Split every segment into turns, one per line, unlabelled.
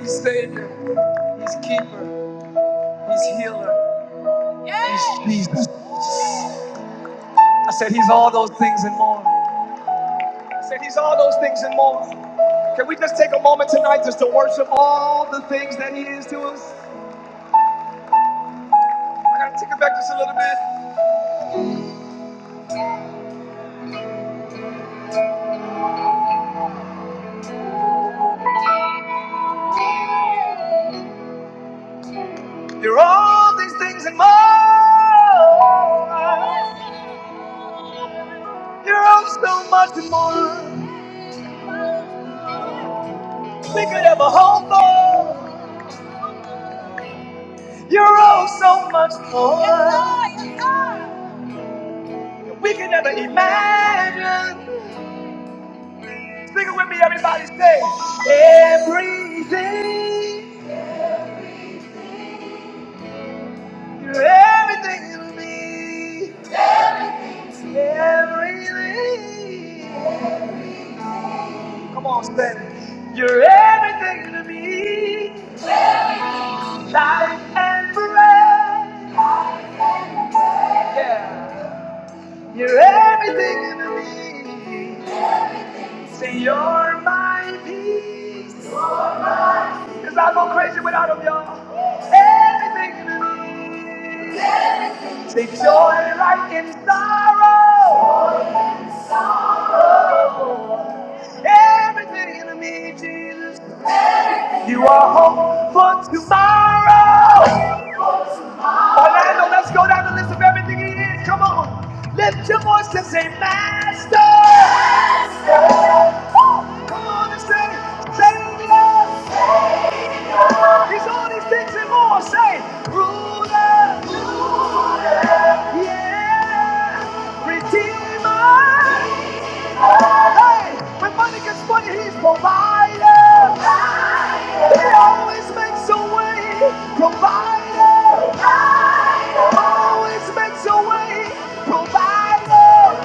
He's Savior. He's Keeper. He's Healer. I said He's all those things and more. I said He's all those things and more. Can we just take a moment tonight just to worship all the things that He is to us? I gotta take it back just a little bit. You're all these things and more. You're all so much more. We could have a whole for. You're all so much more. Yes, yes, We could never imagine. Sing it with me, everybody. Say, everything, you're everything to me. Everything. Come on, stand You're everything to me. Life and breath. Yeah. You're everything to me. Say, you're my peace. Cause I go crazy without 'em, y'all. Everything to me. The joy right in sorrow. Everything in me, Jesus. You are hope for tomorrow. Orlando, let's go down the list of everything he is. Come on. Lift your voice and say, Master. Master. Woo! Come on and say, Savior. Savior. He's all these things and more. Say, Ruler. Ruler. Yeah. Redeemer. Hey, when money gets funny, he's provided. He always makes a way. Provided. Always makes a way. Provided.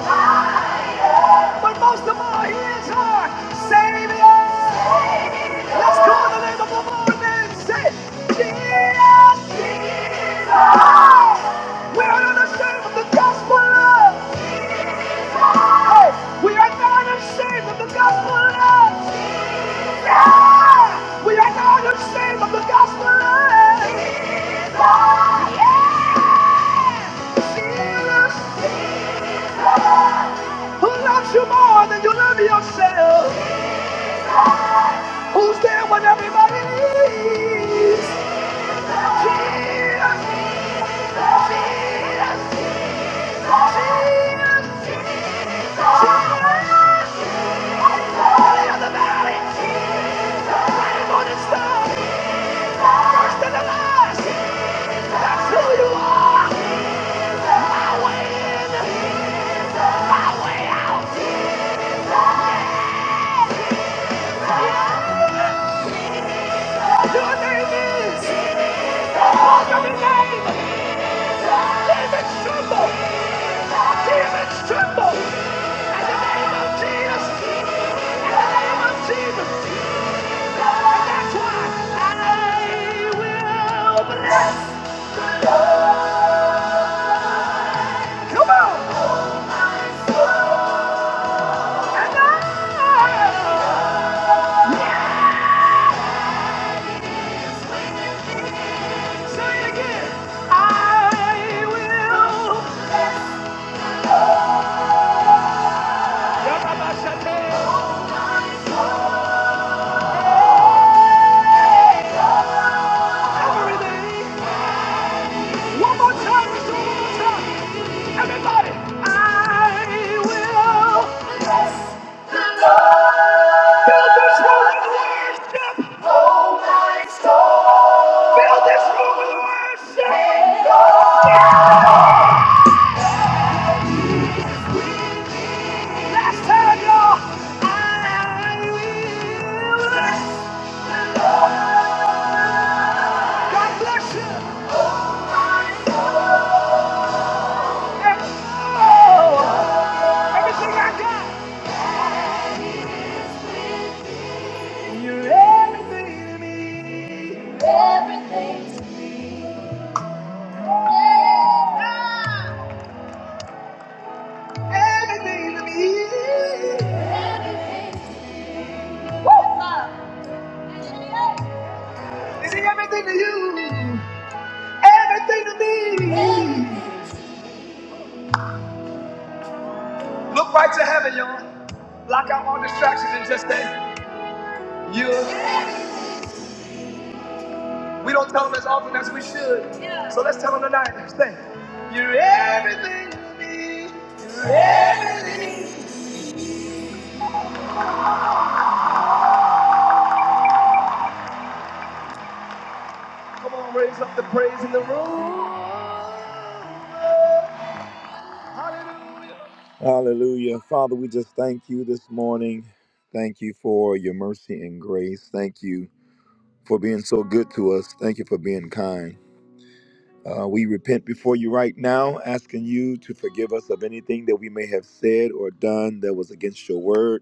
But most of all, he is our Savior. Let's call the name of the Lord and say, Jesus. Jesus. We're unashamed of the gospel. Hey, we are not ashamed of the gospel of love. Yeah! We are not ashamed of the gospel of love. Jesus! Jesus! Who loves you more than you love yourself? Who's there when everybody needs? Jesus! Jesus! Jesus! Jesus! Jesus! Jesus! First and last. That's who you are. My way in, my way out. Your name is. Call your name. Demons tremble. Demons tremble. In the name of Jesus. In the name of Jesus. And that's why I will bless. Come on. And I. Yeah! Say again, I will. Yarabashate, Everything. One more time, one more time. Everybody, I will. Fill this room with worship. Fill this room with worship. Last time, y'all. I will. God bless you. Everything I got. You're everything to me. Everything. Yeah. Everything to me. Everything. Woo. Is everything to you? Everything to me. Look right to heaven, y'all. Block out all distractions and just say, you. We don't tell them as often as we should. Yeah. So let's tell them tonight. Say, You're everything to me. You're everything. Come on, raise up the praise in the room. Hallelujah. Hallelujah. Father, we just thank you this morning. Thank you for your mercy and grace. Thank you for being so good to us. Thank you for being kind. Uh, we repent before you right now, asking you to forgive us of anything that we may have said or done that was against your word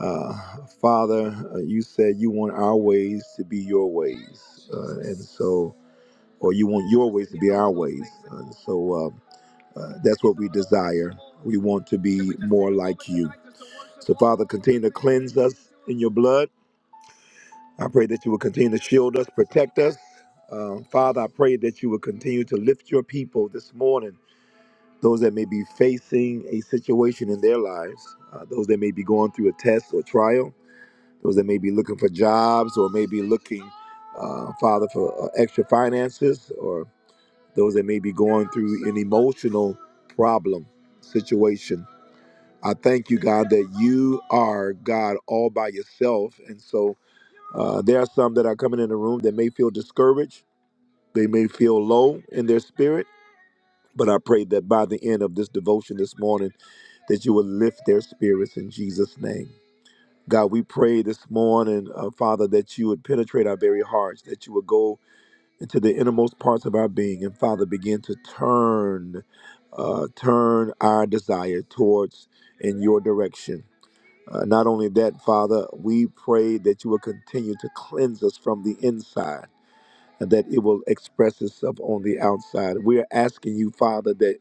Uh, Father, uh, you said you want our ways to be your ways, uh, and so, or you want your ways to be our ways. Uh, so uh, uh, that's what we desire. We want to be more like you. So, Father, continue to cleanse us in your blood. I pray that you will continue to shield us, protect us. Uh, Father, I pray that you will continue to lift your people this morning, those that may be facing a situation in their lives, uh, those that may be going through a test or trial those that may be looking for jobs or may be looking, uh, Father, for uh, extra finances, or those that may be going through an emotional problem situation. I thank you, God, that you are God all by yourself. And so uh, there are some that are coming in the room that may feel discouraged, they may feel low in their spirit. But I pray that by the end of this devotion this morning, that you will lift their spirits in Jesus' name. God, we pray this morning, uh, Father, that you would penetrate our very hearts, that you would go into the innermost parts of our being, and Father, begin to turn, uh, turn our desire towards in your direction. Uh, not only that, Father, we pray that you will continue to cleanse us from the inside and that it will express itself on the outside. We are asking you, Father, that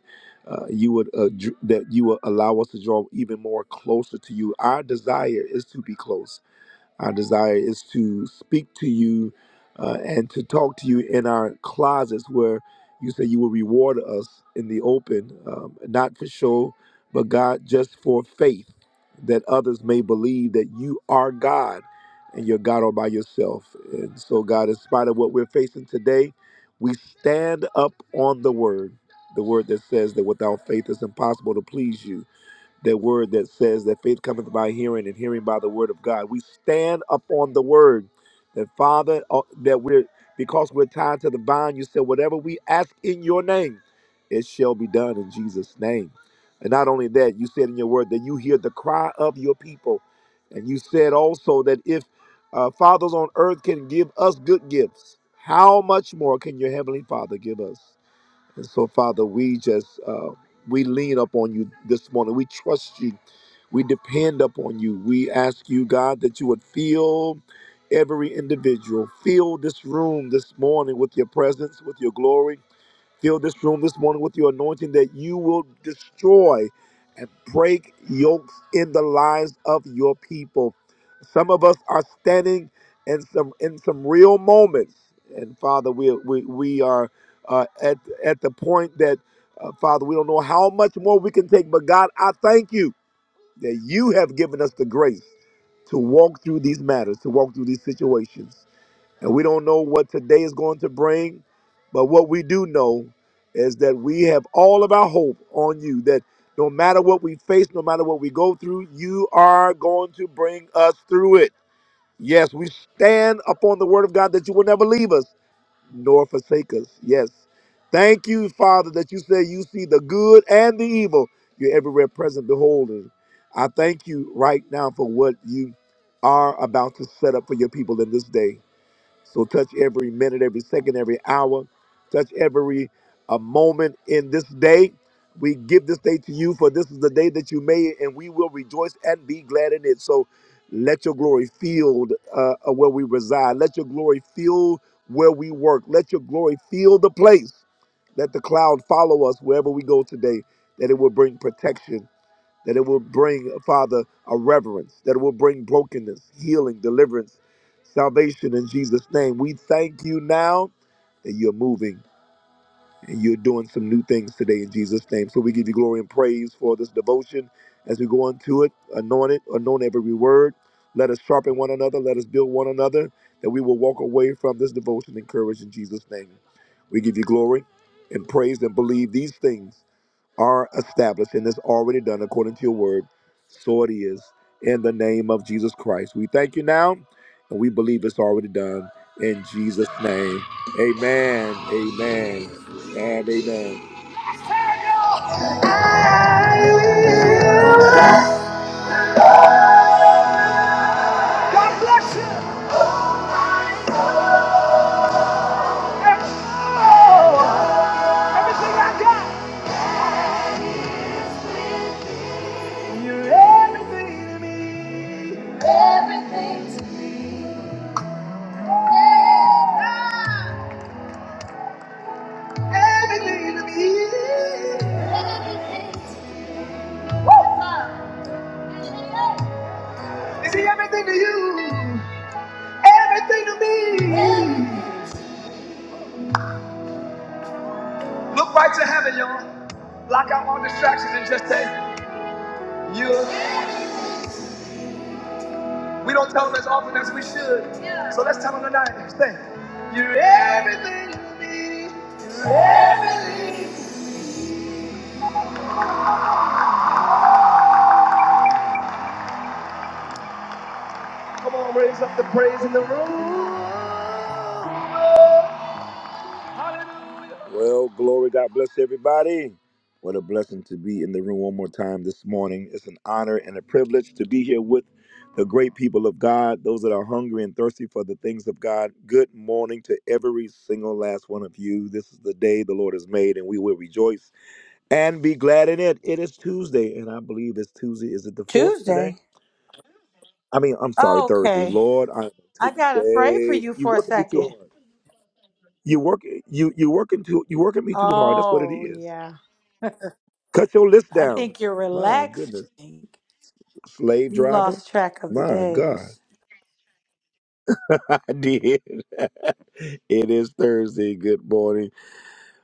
uh, you would uh, dr- that you will allow us to draw even more closer to you. Our desire is to be close. Our desire is to speak to you uh, and to talk to you in our closets where you say you will reward us in the open, um, not for show, but God, just for faith, that others may believe that you are God and you're God all by yourself. And so, God, in spite of what we're facing today, we stand up on the word, the word that says that without faith it's impossible to please you that word that says that faith cometh by hearing and hearing by the word of God. We stand upon the word that Father, uh, that we're, because we're tied to the vine, you said, whatever we ask in your name, it shall be done in Jesus' name. And not only that, you said in your word that you hear the cry of your people. And you said also that if uh, fathers on earth can give us good gifts, how much more can your heavenly Father give us? And so, Father, we just uh, we lean up on you this morning. We trust you. We depend upon you. We ask you, God, that you would fill every individual, fill this room this morning with your presence, with your glory Fill this room this morning with your anointing that you will destroy and break yokes in the lives of your people. Some of us are standing in some in some real moments, and Father, we we, we are uh, at at the point that uh, Father, we don't know how much more we can take, but God, I thank you that you have given us the grace to walk through these matters, to walk through these situations. And we don't know what today is going to bring, but what we do know is that we have all of our hope on you, that no matter what we face, no matter what we go through, you are going to bring us through it. Yes, we stand upon the word of God that you will never leave us nor forsake us. Yes. Thank you, Father, that you say you see the good and the evil. You're everywhere present, beholding. I thank you right now for what you are about to set up for your people in this day. So touch every minute, every second, every hour. Touch every uh, moment in this day. We give this day to you, for this is the day that you made, and we will rejoice and be glad in it. So let your glory fill uh, uh, where we reside. Let your glory fill where we work. Let your glory fill the place. Let the cloud follow us wherever we go today, that it will bring protection that it will bring, Father, a reverence, that it will bring brokenness, healing, deliverance, salvation in Jesus' name. We thank you now that you're moving and you're doing some new things today in Jesus' name. So we give you glory and praise for this devotion as we go into it. Anoint it, anoint every word. Let us sharpen one another, let us build one another, that we will walk away from this devotion encouraged in Jesus' name. We give you glory and praise and believe these things are established and is already done according to your word. So it is in the name of Jesus Christ. We thank you now and we believe it's already done in Jesus' name. Amen, amen, and amen. God bless you. And oh, everything I got. You're everything to me. Everything to me. Ah, Everything to me. Everything to me. Woo! You see everything to you, everything to me. Look right to heaven, y'all. Block out all distractions and just say, You. We don't tell them as often as we should. So let's tell them tonight. Say, You're everything to me. You're everything. Come on, raise up the praise in the room. Hallelujah. Well, glory. God bless everybody. What a blessing to be in the room one more time this morning. It's an honor and a privilege to be here with the great people of God, those that are hungry and thirsty for the things of God. Good morning to every single last one of you. This is the day the Lord has made, and we will rejoice and be glad in it. It is Tuesday, and I believe it's Tuesday. Is it the fourth today?
Tuesday.
I mean, I'm sorry, Thursday.
okay.
Lord, I'm
I got afraid for
Tuesday.
you
You
for a
working me too
second.
hard. You work you you working too you working me too hard. That's what it
Oh,
is.
yeah.
Cut your list
I
down.
think you're
My
relaxed.
goodness,
You
slave driver.
lost track of the
My God,
days.
I did. it is Thursday. Good morning.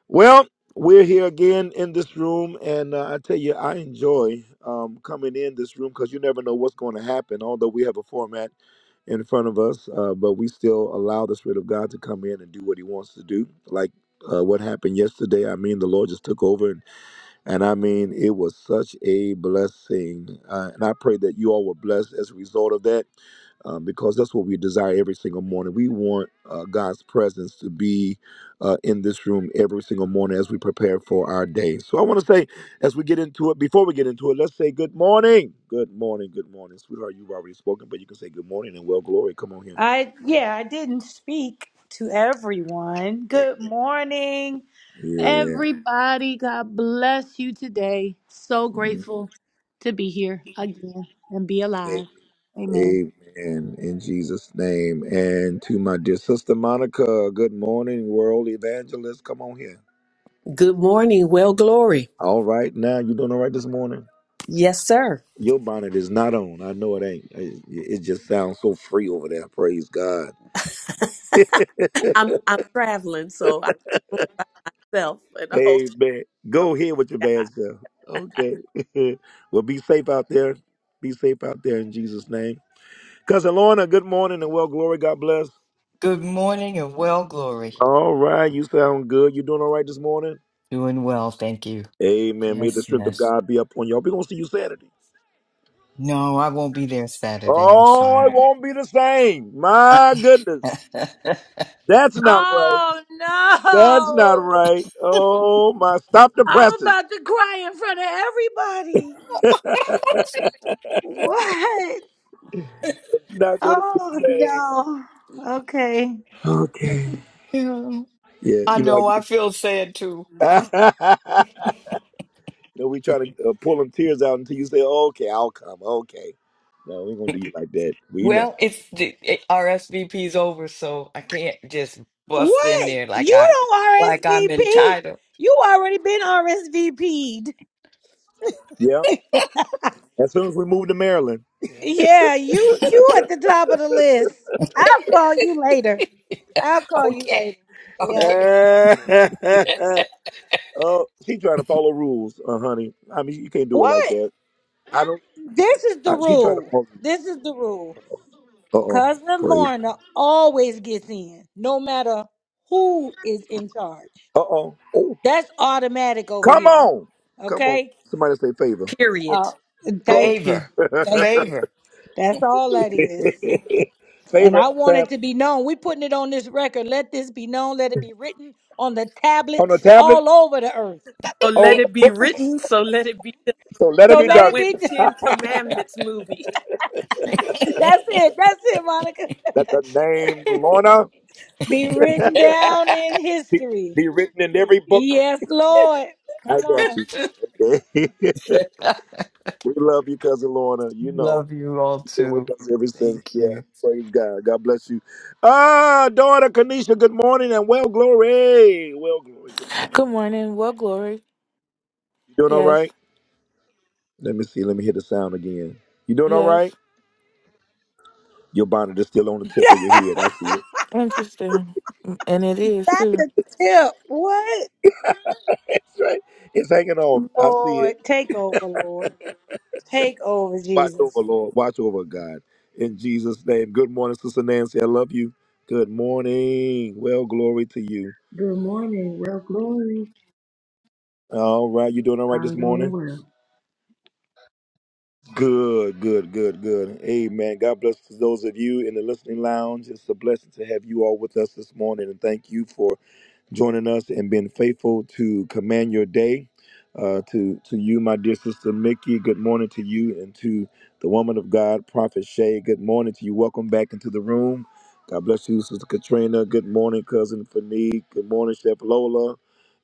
Well, we're here again in this room, and uh, I tell you, I enjoy um, coming in this room because you never know what's going to happen. Although we have a format in front of us, uh, but we still allow the Spirit of God to come in and do what He wants to do, like. Uh, what happened yesterday? I mean, the Lord just took over And I mean, it was such a blessing. Uh, and I pray that you all were blessed as a result of that um, because that's what we desire every single morning. We want uh, God's presence to be uh, in this room every single morning as we prepare for our day. So I want to say, as we get into it, before we get into it, let's say good morning. Good morning. Good morning. Sweetheart, you've already spoken, but you can say good morning and well glory. Come on here.
I, yeah, I didn't speak to everyone. Good morning,
Yeah.
everybody. God bless you today. So
Mm-hmm.
grateful to be here again and be alive. Amen.
Amen. In Jesus' name. And to my dear sister Monica, good morning, world evangelist. Come on here.
Good morning, well glory.
All right, now you doing all right this morning?
Yes, sir.
Your bonnet is not on. I know it ain't. It, it just sounds so free over there. Praise God.
I'm I'm traveling, so I self and the whole
Amen.
time. of
Go ahead with your bad
God.
self. Okay. well, be safe out there. Be safe out there in Jesus' name. Cousin Lorna, good morning and well, glory. God bless.
Good morning and well, Glory.
All right. You sound good. You doing all right this morning?
Doing well, thank you.
Amen. May the
Yes,
strength of
yes.
God be upon y'all. We're going to see you Saturday.
No, I won't be there Saturday. I'm
Oh, it
sorry.
won't be the same.
I,
My goodness. That's not right. That's not
Oh,
right. Oh, my. Stop the
I'm
presses.
about to cry in front of everybody. What?
Not going to be
Oh
the
no. Okay.
same. Okay.
Yeah,
Yeah,
I
you know, how
know,
you,
I feel sad too.
you know, we try to uh, pull them tears out until you say, okay, I'll come. Okay. No, we going to do you like that. We know.
Well, it's the it, RSVP's over, so I can't just bust in
What?
there like
You
I
don't
like I'm
RSVP.
entitled.
You already been RSVP'd.
Yeah. As soon as we move to Maryland.
Yeah, you you at the top of the list. I'll call you later. I'll call you
Okay.
later. Yeah.
Okay.
Oh, she trying to follow rules, uh, honey. I mean, you can't do it like
What?
that. I don't.
This is the
Uh, she trying to
rule.
follow.
This is the rule.
Uh oh,
Cousin
praise.
Lorna always gets in, no matter who is in charge.
Uh oh. Oh,
That's automatic over
come
here.
on, come on.
Okay.
Somebody say favor.
Period.
Uh,
Uh oh.
thank you.
Favor.
Thank you.
Favor.
That's all that is. And
favor,
I want
fam.
it to be known. We're putting it on this record. Let this be known. Let it be written on the
On the
tablets all
tablets,
over the earth.
So let
on
Yeah.
the
it be
books.
written. So let it be. Done.
So let it
You
So
be
know,
let it
done.
went
be.
Ten Commandments movie.
That's it. That's it, Monica.
Let the name Lorna
Be written down in
be,
history.
be written in every book.
Yes, Lord.
I
Come
got
on.
you. we love you, cousin Lorna. You know.
Love you all
You've been
too.
with us ever since.
Thank
Yeah.
you.
Praise God. God bless you. Ah, daughter Kanisha, good morning and well glory. Well glory, good morning.
Good morning. Well, glory.
You doing all
Yes,
right? Let me see. Let me hear the sound again. You doing all right?
yes.
Your bonnet is still on the tip of your head. I see it.
Interesting. And it is
Not
too.
the tip. What?
That's right. It's hanging on. I see
Lord,
it.
take over, Lord. Take over,
Watch over,
Jesus.
Lord. Watch over, God. In Jesus' name. Good morning, Sister Nancy. I love you. Good morning. Well, glory to you.
Good morning. Well, glory.
All right. You doing all right this
I'm doing
morning?
well.
Good, good, good, good. Amen. God bless those of you in the listening lounge. It's a blessing to have you all with us this morning, and thank you for joining us and being faithful to command your day. Uh, to to you, my dear sister Mickey. Good morning to you and to the woman of God, Prophet Shay. Good morning to you. Welcome back into the room. God bless you, Sister Katrina. Good morning, cousin Fanique. Good morning, Chef Lola.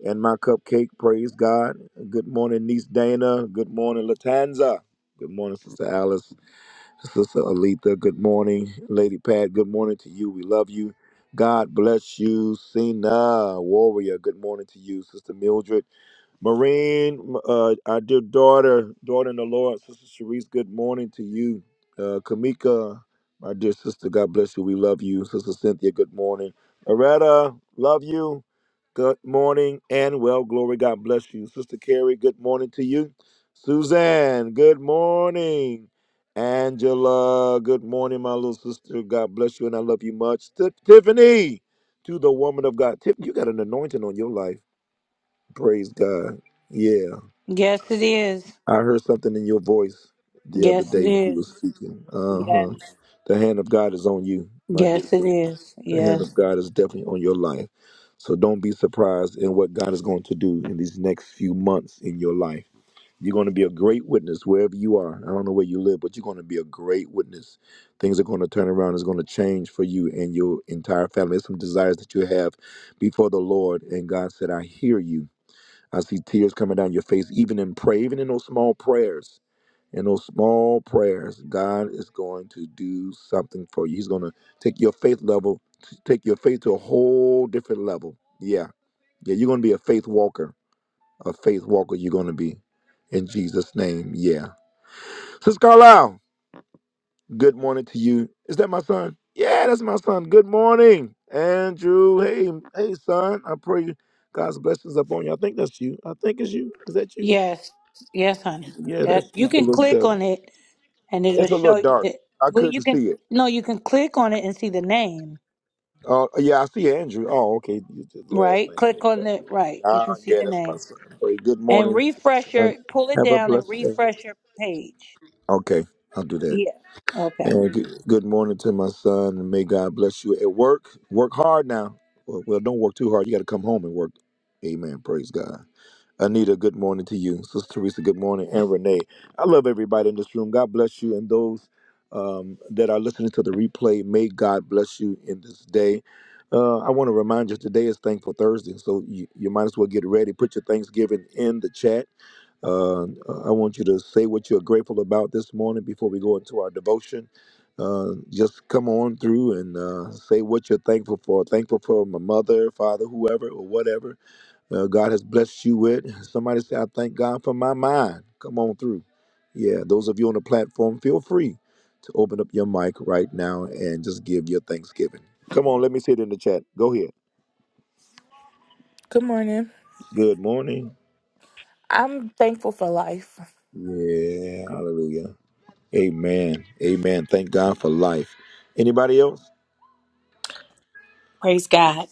And my cupcake, praise God. Good morning, niece Dana. Good morning, Latanza. Good morning, Sister Alice. Sister Alita, good morning. Lady Pat, good morning to you. We love you. God bless you. Sina, warrior, good morning to you. Sister Mildred, Marine, m- uh, our dear daughter, daughter in the Lord, Sister Sharice, good morning to you. Uh, Kamika, my dear sister, God bless you. We love you. Sister Cynthia, good morning. Loretta, love you. Good morning and well, glory. God bless you. Sister Carrie, good morning to you. Suzanne, good morning. Angela, good morning, my little sister. God bless you, and I love you much. Ti- Tiffany, to the woman of God. Tiffany, you got an anointing on your life. Praise God. Yeah,
Yes, it is.
I heard something in your voice the other
Yes, it
day when you were
is.
speaking. Uh
Yes.
huh. The hand of God is on you, my dear
Yes, it
sister.
is.
The hand of
Yes.
God is definitely on your life. So don't be surprised in what God is going to do in these next few months in your life you're going to be a great witness wherever you are. I don't know where you live, but you're going to be a great witness. Things are going to turn around. It's going to change for you and your entire family. There's some desires that you have before the Lord. And God said, I hear you. I see tears coming down your face, even in prayer, even in those small prayers. In those small prayers, God is going to do something for you. He's going to take your faith level, take your faith to a whole different level. Yeah. Yeah. You're going to be a faith walker a faith walker you're going to be. In Jesus' name, yeah. Sister Carlisle, good morning to you. Is that my son? Yeah, that's my son. Good morning, Andrew. Hey, hey, son. I pray God's blessings upon you. I think that's you. I think it's you. Is that you?
Yes. Yes, honey.
Yeah,
That
that's you.
you
It's a
can
little
click
self.
on it and it'll
It's a little
show you
dark.
that.
I
Well, you
couldn't
can
see it.
no, you can click on it and see the name.
Uh, yeah, I see Andrew. Oh, okay. You did the last
Right.
name.
Click on it. Right. You can
Ah,
see
yeah,
the
that's my
name
son. Pray. Good
and
morning,
refresh
son.
your. Pull it
Have a
down and
blessed day.
refresh your page.
Okay, I'll do that.
Yeah. Okay.
And good, good morning to my son, and may God bless you at work. Work hard now. Well, well don't work too hard. You got to come home and work. Amen. Praise God. Anita, good morning to you. Sister Teresa, good morning. And Renee, I love everybody in this room. God bless you. And those um, that are listening to the replay, may God bless you in this day. Uh, I want to remind you today is Thankful Thursday, so you, you might as well get ready. Put your Thanksgiving in the chat uh, I want you to say what you're grateful about this morning before we go into our devotion. Uh, just come on through and uh, say what you're thankful for. Thankful for my mother, father, whoever, or whatever uh, God has blessed you with. Somebody say, I thank God for my mind. Come on through. Yeah, those of you on the platform, feel free to open up your mic right now and just give your thanksgiving. Come on, let me see it in the chat. Go ahead.
Good morning.
Good morning.
I'm thankful for life,
Yeah, hallelujah. Amen. Amen. Thank God for life. Anybody else?
Praise God.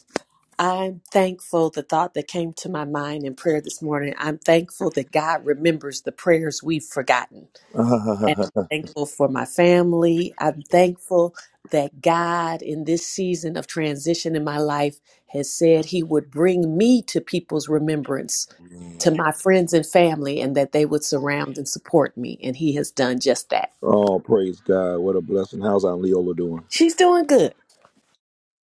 I'm thankful. The thought that came to my mind in prayer this morning. I'm thankful that God remembers the prayers we've forgotten. and
Amen.
I'm thankful for my family. I'm thankful that God, in this season of transition in my life, has said He would bring me to people's remembrance, to my friends and family, and that they would surround and support me. And He has done just that.
Oh, praise God. What a blessing. How's Aunt Leola doing?
She's doing good.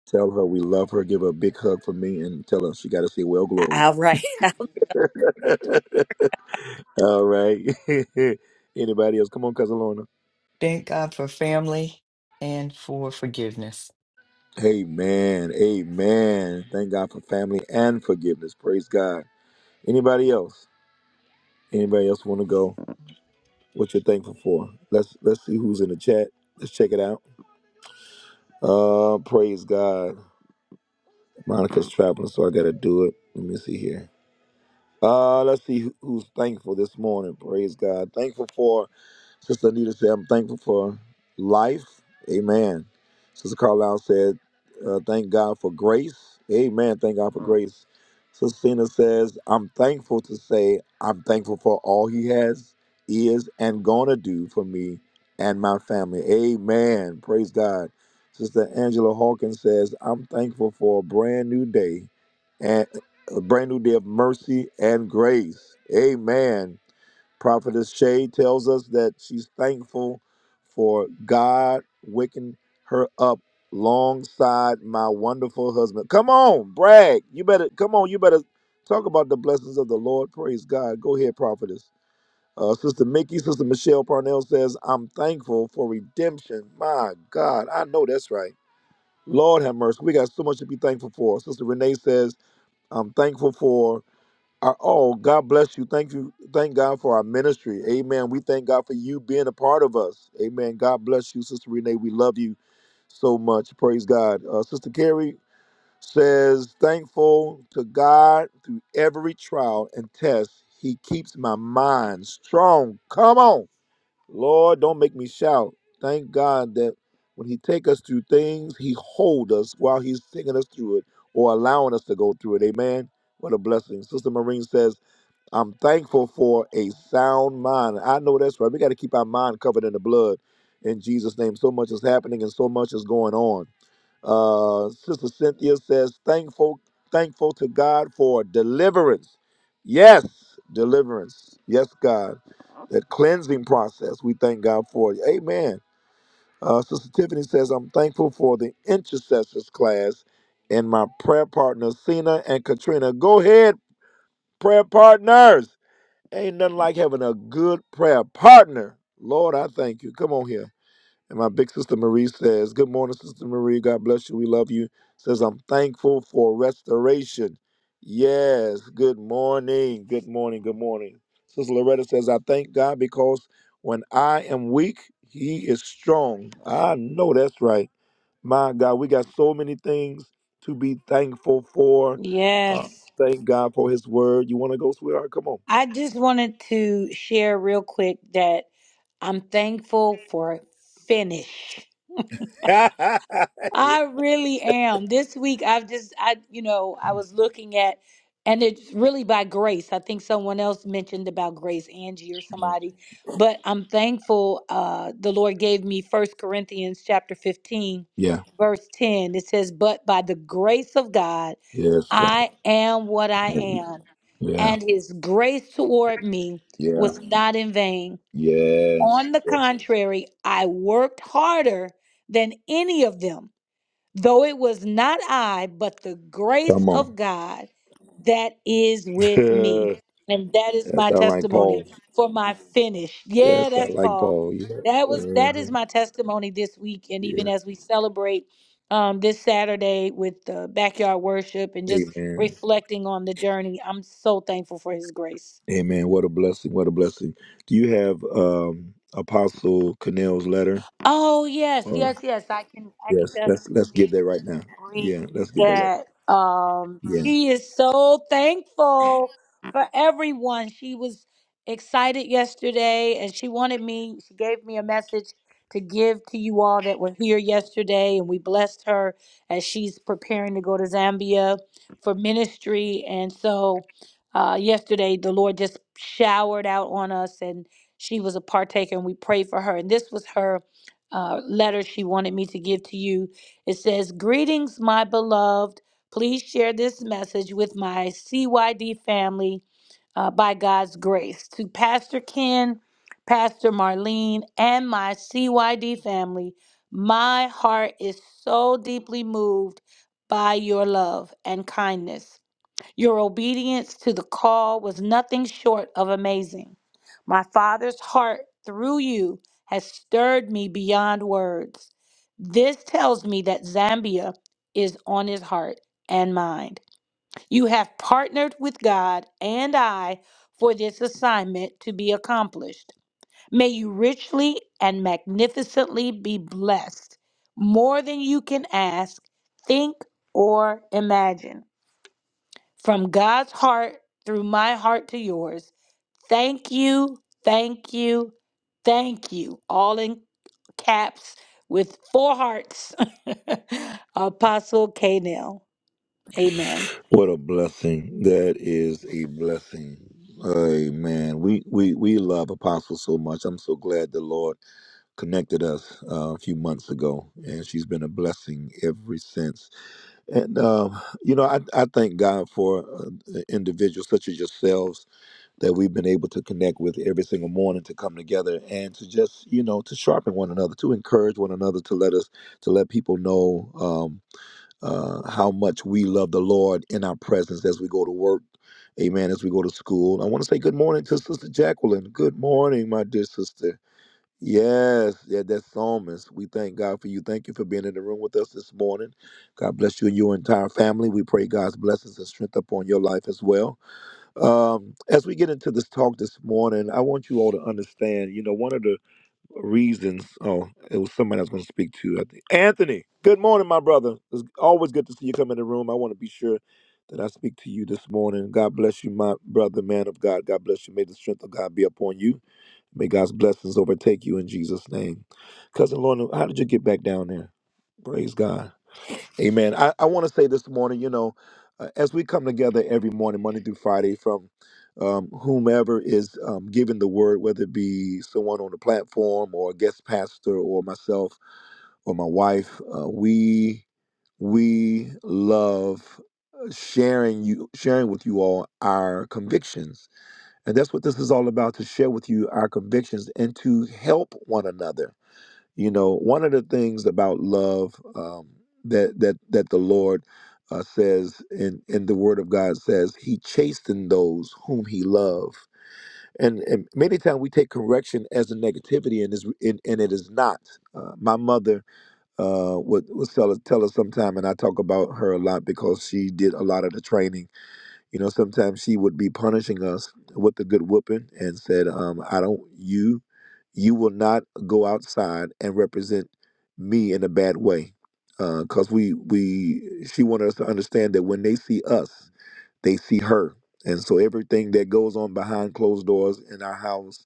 Tell her we love her. Give her a big hug for me and tell her she got to say, Well, glory.
All right.
All right. Anybody else? Come on, Cousin Lorna.
Thank God for family and for forgiveness.
Amen. Amen. Thank God for family and forgiveness. Praise God. Anybody else? Anybody else want to go? What you're thankful for? Let's let's see who's in the chat. Let's check it out. Uh, praise God. Monica's traveling, so I gotta do it. Let me see here. Uh, let's see who- who's thankful this morning. Praise God. Thankful for Sister Anita said, I'm thankful for life. Amen. Sister Carlisle said, uh, thank God for grace. Amen. Thank God for grace. Sister Cena says, I'm thankful to say I'm thankful for all he has, is, and gonna do for me and my family. Amen. Praise God. Sister Angela Hawkins says, I'm thankful for a brand new day a brand new day of mercy and grace. Amen. Prophetess Shay tells us that she's thankful for God waking her up alongside my wonderful husband. Come on, brag. You better come on, you better talk about the blessings of the Lord. Praise God. Go ahead, prophetess. Uh, Sister Mickey, Sister Michelle Parnell says, I'm thankful for redemption. My God, I know that's right. Lord have mercy. We got so much to be thankful for. Sister Renee says, I'm thankful for our, oh, God bless you. Thank you. Thank God for our ministry. Amen. We thank God for you being a part of us. Amen. God bless you, Sister Renee. We love you so much. Praise God. Uh, Sister Carrie says, Thankful to God through every trial and test. He keeps my mind strong. Come on. Lord, don't make me shout. Thank God that when he take us through things, he hold us while he's taking us through it or allowing us to go through it. Amen. What a blessing. Sister Marine says, I'm thankful for a sound mind. I know that's right. We got to keep our mind covered in the blood in Jesus' name. So much is happening and so much is going on. Uh, Sister Cynthia says, thankful, thankful to God for deliverance. Yes, deliverance. Yes, God. That cleansing process. We thank God for it. Amen. Uh, Sister Tiffany says, I'm thankful for the intercessors class and my prayer partners, Cena and Katrina. Go ahead, prayer partners. Ain't nothing like having a good prayer partner. Lord, I thank you. Come on here. And my big sister Marie says, Good morning, Sister Marie. God bless you. We love you. Says, I'm thankful for restoration. Yes. Good morning. Good morning. Good morning. Sister Loretta says, I thank God because when I am weak, He is strong. I know that's right. My God, we got so many things to be thankful for. Uh,
Yes.
thank God for His word. You want to go, sweetheart? Come on.
I just wanted to share real quick that I'm thankful for finish.
yeah.
I really am. This week, I've just, I, you know, I was looking at, and it's really by grace. I think someone else mentioned about grace, Angie or somebody, but I'm thankful uh, the Lord gave me First Corinthians chapter 15,
Yeah.
verse 10. It says, But by the grace of God,
Yes, God.
I am what I
Yeah.
am, and his grace toward me
Yeah.
was not in vain.
Yes.
On the
Yes.
contrary, I worked harder than any of them though it was not I, but the grace
Come on.
of God that is with me. And that is
That's
my
I like Paul.
testimony for my finish.
Yes,
Yeah,
I
that's
like
Paul.
Paul. Yeah.
That was that
Uh-huh.
is my testimony this week. And even
Yeah.
as we celebrate um, this Saturday with the backyard worship and just
Amen.
reflecting on the journey, I'm so thankful for his grace.
Amen. What a blessing. What a blessing. Do you have um Apostle Connell's letter?
Oh yes,
Or
yes, yes. I can I can
yes, let's let's give
definitely.
that right now.
read
Yeah, let's give that right now.
that um,
Yeah.
she is so thankful for everyone. She was excited yesterday and she wanted me, she gave me a message to give to you all that were here yesterday. And we blessed her as she's preparing to go to Zambia for ministry. And so uh, yesterday, the Lord just showered out on us and she was a partaker and we prayed for her. And this was her uh, letter she wanted me to give to you it says, Greetings, my beloved. Please share this message with my CYD family uh, by God's grace. To Pastor Ken, Pastor Marlene, and my CYD family, my heart is so deeply moved by your love and kindness. Your obedience to the call was nothing short of amazing. My Father's heart through you has stirred me beyond words. This tells me that Zambia is on his heart and mind. You have partnered with God and I for this assignment to be accomplished. May you richly and magnificently be blessed, more than you can ask, think, or imagine from God's heart through my heart to yours. Thank you, thank you, thank you. All in caps with four hearts. Apostle K. Nell. Amen.
What a blessing. That is a blessing. Amen. We, we, we love Apostle so much. I'm so glad the Lord connected us uh, a few months ago, and she's been a blessing ever since. And, um, you know, I, I thank God for uh, individuals such as yourselves that we've been able to connect with every single morning to come together and to just, you know, to sharpen one another, to encourage one another, to let us, to let people know. Um, uh, how much we love the Lord in our presence as we go to work. Amen. As we go to school, I want to say good morning to Sister Jacqueline. Good morning, my dear sister. Yes, yeah, that psalmist. We thank God for you. Thank you for being in the room with us this morning. God bless you and your entire family. We pray God's blessings and strength upon your life as well. Um, as we get into this talk this morning, I want you all to understand. You know, one of the reasons. Oh, it was somebody I was going to speak to. I think Anthony. Good morning, my brother. It's always good to see you come in the room. I want to be sure that I speak to you this morning. God bless you, my brother, man of God. God bless you. May the strength of God be upon you. May God's blessings overtake you in Jesus' name. Cousin Lorna, how did you get back down there? Praise God. Amen. I, I want to say this morning, you know, uh, as we come together every morning, Monday through Friday, from um, whomever is um, giving the word, whether it be someone on the platform or a guest pastor or myself or my wife, uh, we we love uh, sharing you sharing with you all our convictions, and that's what this is all about—to share with you our convictions and to help one another you know, one of the things about love um, that that that the Lord uh, says in in the Word of God says He chastened those whom He loved, and, and many times we take correction as a negativity, and is and, and it is not. Uh, my mother uh, would would tell us tell us sometime, and I talk about her a lot because she did a lot of the training you know, sometimes she would be punishing us with a good whooping and said, um, I don't, you, you will not go outside and represent me in a bad way. Because we, we, she wanted us to understand that when they see us, they see her. And so everything that goes on behind closed doors in our house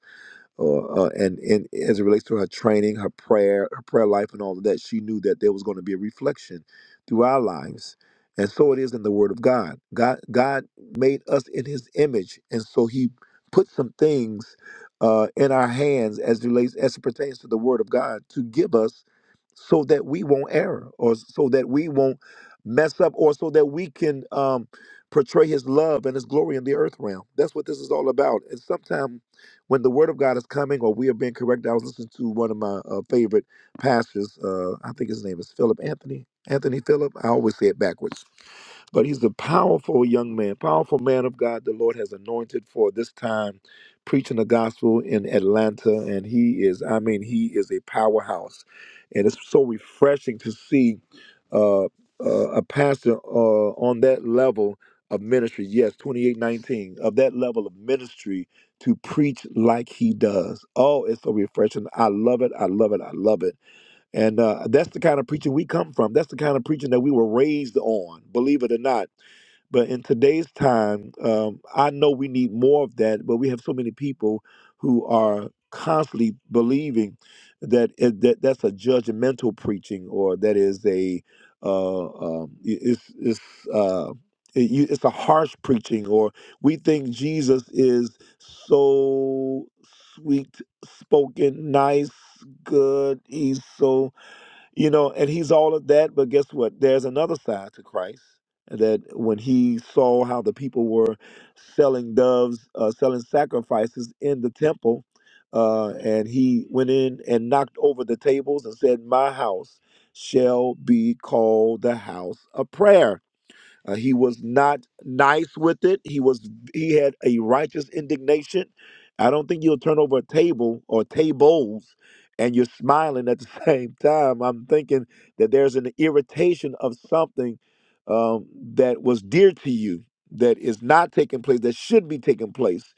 or uh, and and as it relates to her training, her prayer, her prayer life, and all of that, she knew that there was going to be a reflection through our lives, and so it is in the Word of God. God God made us in His image, and so He put some things uh, in our hands as relates as it pertains to the Word of God to give us, so that we won't err, or so that we won't mess up, or so that we can. Um, portray his love and his glory in the earth realm that's what this is all about and sometimes when the word of God is coming or we are being corrected. I was listening to one of my uh, favorite pastors. Uh, I think his name is Philip Anthony. Anthony Philip. I always say it backwards. But he's a powerful young man, powerful man of God. The Lord has anointed for this time preaching the gospel in Atlanta. And he is, I mean, he is a powerhouse. And it's so refreshing to see uh, uh, a pastor uh, on that level of ministry. Yes, 2819, of that level of ministry to preach like he does. Oh, it's so refreshing. I love it. I love it. I love it. And uh, that's the kind of preaching we come from. That's the kind of preaching that we were raised on, believe it or not. But in today's time, um, I know we need more of that, but we have so many people who are constantly believing that it, that that's a judgmental preaching or that is a uh, um, i- it's it's uh, it, you- it's a harsh preaching or we think Jesus is so sweet spoken, nice, good. He's so you know and he's all of that but guess what there's another side to christ that when he saw how the people were selling doves uh, selling sacrifices in the temple uh, and he went in and knocked over the tables and said my house shall be called the house of prayer uh, he was not nice with it. He was he had a righteous indignation. I don't think you'll turn over a table or tables and you're smiling at the same time. I'm thinking that there's an irritation of something um, that was dear to you that is not taking place that should be taking place.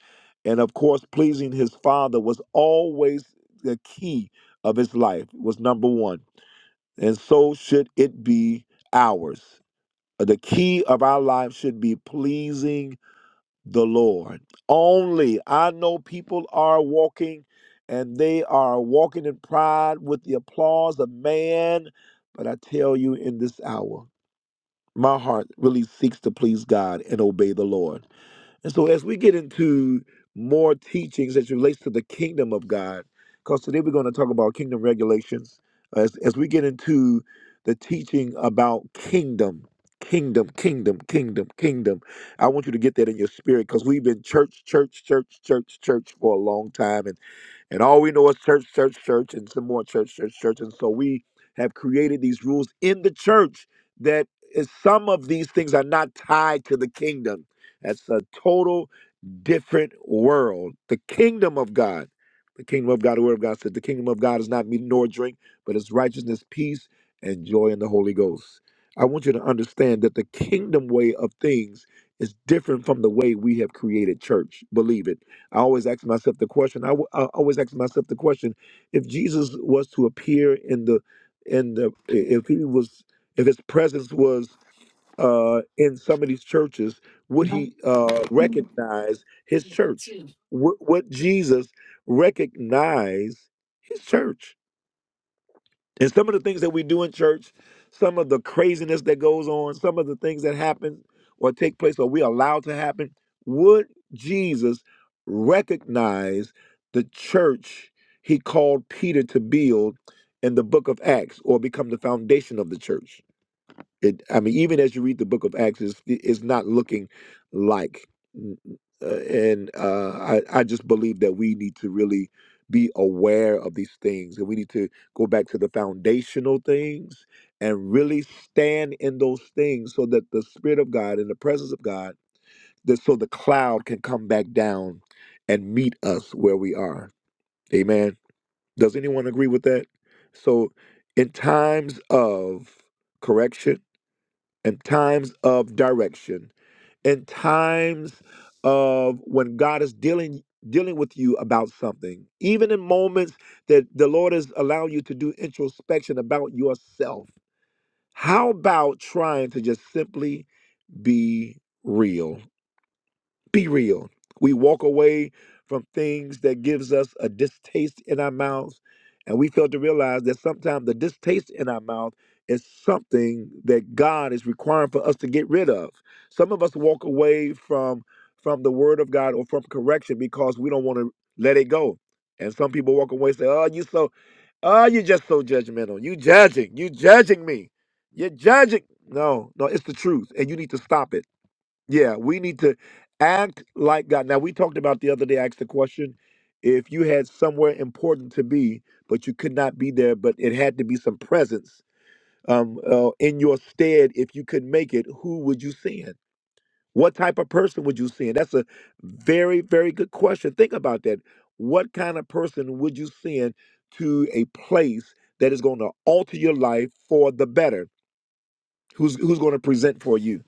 And of course, pleasing his father was always the key of his life. Was number one, and so should it be ours. The key of our life should be pleasing the Lord. Only I know people are walking and they are walking in pride with the applause of man, but I tell you in this hour, my heart really seeks to please God and obey the Lord. And so, as we get into more teachings as it relates to the kingdom of God, because today we're going to talk about kingdom regulations, uh, as, as we get into the teaching about kingdom, kingdom, kingdom, kingdom, kingdom, I want you to get that in your spirit because we've been church, church, church, church, church for a long time. and. And all we know is church, church, church, and some more church, church, church. And so we have created these rules in the church that is, some of these things are not tied to the kingdom. That's a total different world. The kingdom of God, the kingdom of God, the word of God said, the kingdom of God is not meat nor drink, but it's righteousness, peace, and joy in the Holy Ghost. I want you to understand that the kingdom way of things is different from the way we have created church. Believe it. I always ask myself the question. I, w- I always ask myself the question: If Jesus was to appear in the, in the, if he was, if his presence was uh, in some of these churches, would he uh, recognize his church? Would, would Jesus recognize his church? And some of the things that we do in church, some of the craziness that goes on, some of the things that happen or take place or we allow to happen, would Jesus recognize the church he called Peter to build in the book of Acts or become the foundation of the church? It, I mean, even as you read the book of Acts, it's, it's not looking like. Uh, and uh, I, I just believe that we need to really be aware of these things and we need to go back to the foundational things and really stand in those things so that the Spirit of God and the presence of God, that so the cloud can come back down and meet us where we are. Amen. Does anyone agree with that? So, in times of correction, in times of direction, in times of when God is dealing dealing with you about something, even in moments that the Lord is allowing you to do introspection about yourself. How about trying to just simply be real? Be real. We walk away from things that gives us a distaste in our mouths, and we fail to realize that sometimes the distaste in our mouth is something that God is requiring for us to get rid of. Some of us walk away from from the Word of God or from correction because we don't want to let it go. And some people walk away and say, "Oh, you so Oh, you're just so judgmental. You judging. You judging me. You're judging. No, no, it's the truth. And you need to stop it. Yeah, we need to act like God. Now, we talked about the other day, I asked the question if you had somewhere important to be, but you could not be there, but it had to be some presence um, uh, in your stead, if you could make it, who would you send? What type of person would you send? That's a very, very good question. Think about that. What kind of person would you send to a place that is going to alter your life for the better? Who's, who's going to present for you?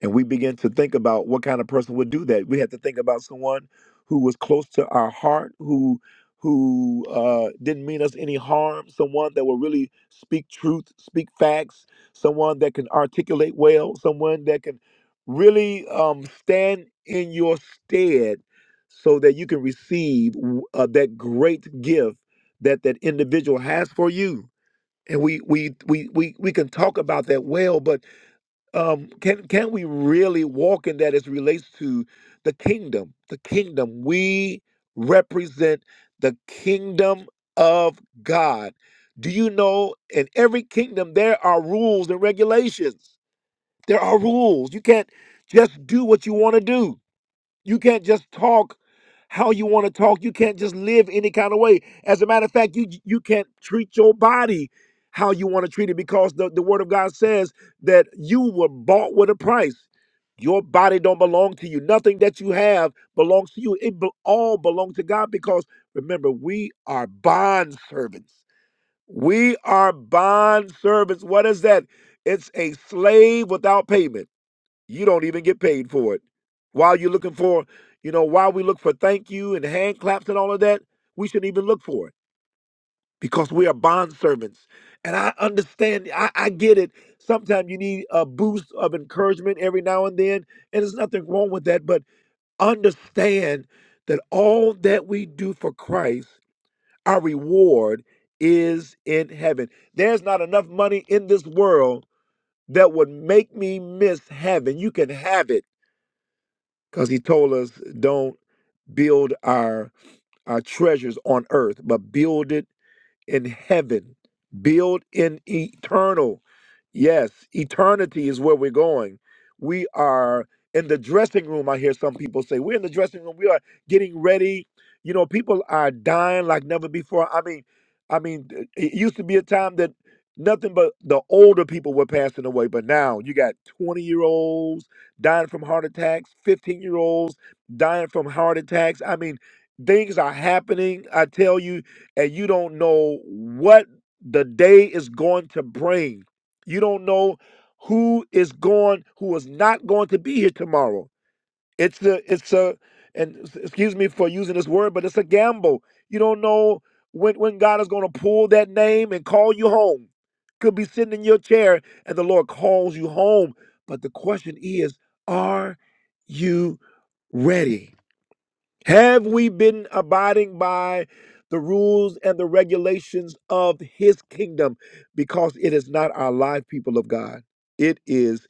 and we begin to think about what kind of person would do that we had to think about someone who was close to our heart who who uh, didn't mean us any harm someone that will really speak truth speak facts someone that can articulate well someone that can really um, stand in your stead so that you can receive w- uh, that great gift that that individual has for you and we we we we, we can talk about that well but um, can can we really walk in that as it relates to the kingdom? The kingdom we represent the kingdom of God. Do you know? In every kingdom, there are rules and regulations. There are rules. You can't just do what you want to do. You can't just talk how you want to talk. You can't just live any kind of way. As a matter of fact, you you can't treat your body how you want to treat it because the, the word of God says that you were bought with a price. Your body don't belong to you. Nothing that you have belongs to you. It be- all belongs to God because remember, we are bond servants. We are bond servants. What is that? It's a slave without payment. You don't even get paid for it. While you're looking for, you know, while we look for thank you and hand claps and all of that, we shouldn't even look for it because we are bond servants. And I understand, I, I get it. Sometimes you need a boost of encouragement every now and then, and there's nothing wrong with that. But understand that all that we do for Christ, our reward is in heaven. There's not enough money in this world that would make me miss heaven. You can have it because he told us don't build our our treasures on earth but build it in heaven, build in eternal. Yes, eternity is where we're going. We are in the dressing room. I hear some people say, We're in the dressing room. We are getting ready. You know, people are dying like never before. I mean, I mean, it it used to be a time that nothing but the older people were passing away, but now you got 20 year olds dying from heart attacks, 15 year olds dying from heart attacks. I mean, things are happening. I tell you, and you don't know what the day is going to bring. You don't know who is going, who is not going to be here tomorrow. It's a, it's a, and s- excuse me for using this word, but it's a gamble. You don't know when when God is going to pull that name and call you home. Could be sitting in your chair and the Lord calls you home. But the question is, are you ready? Have we been abiding by the rules and the regulations of his kingdom? Because it is not our life, people of God. It is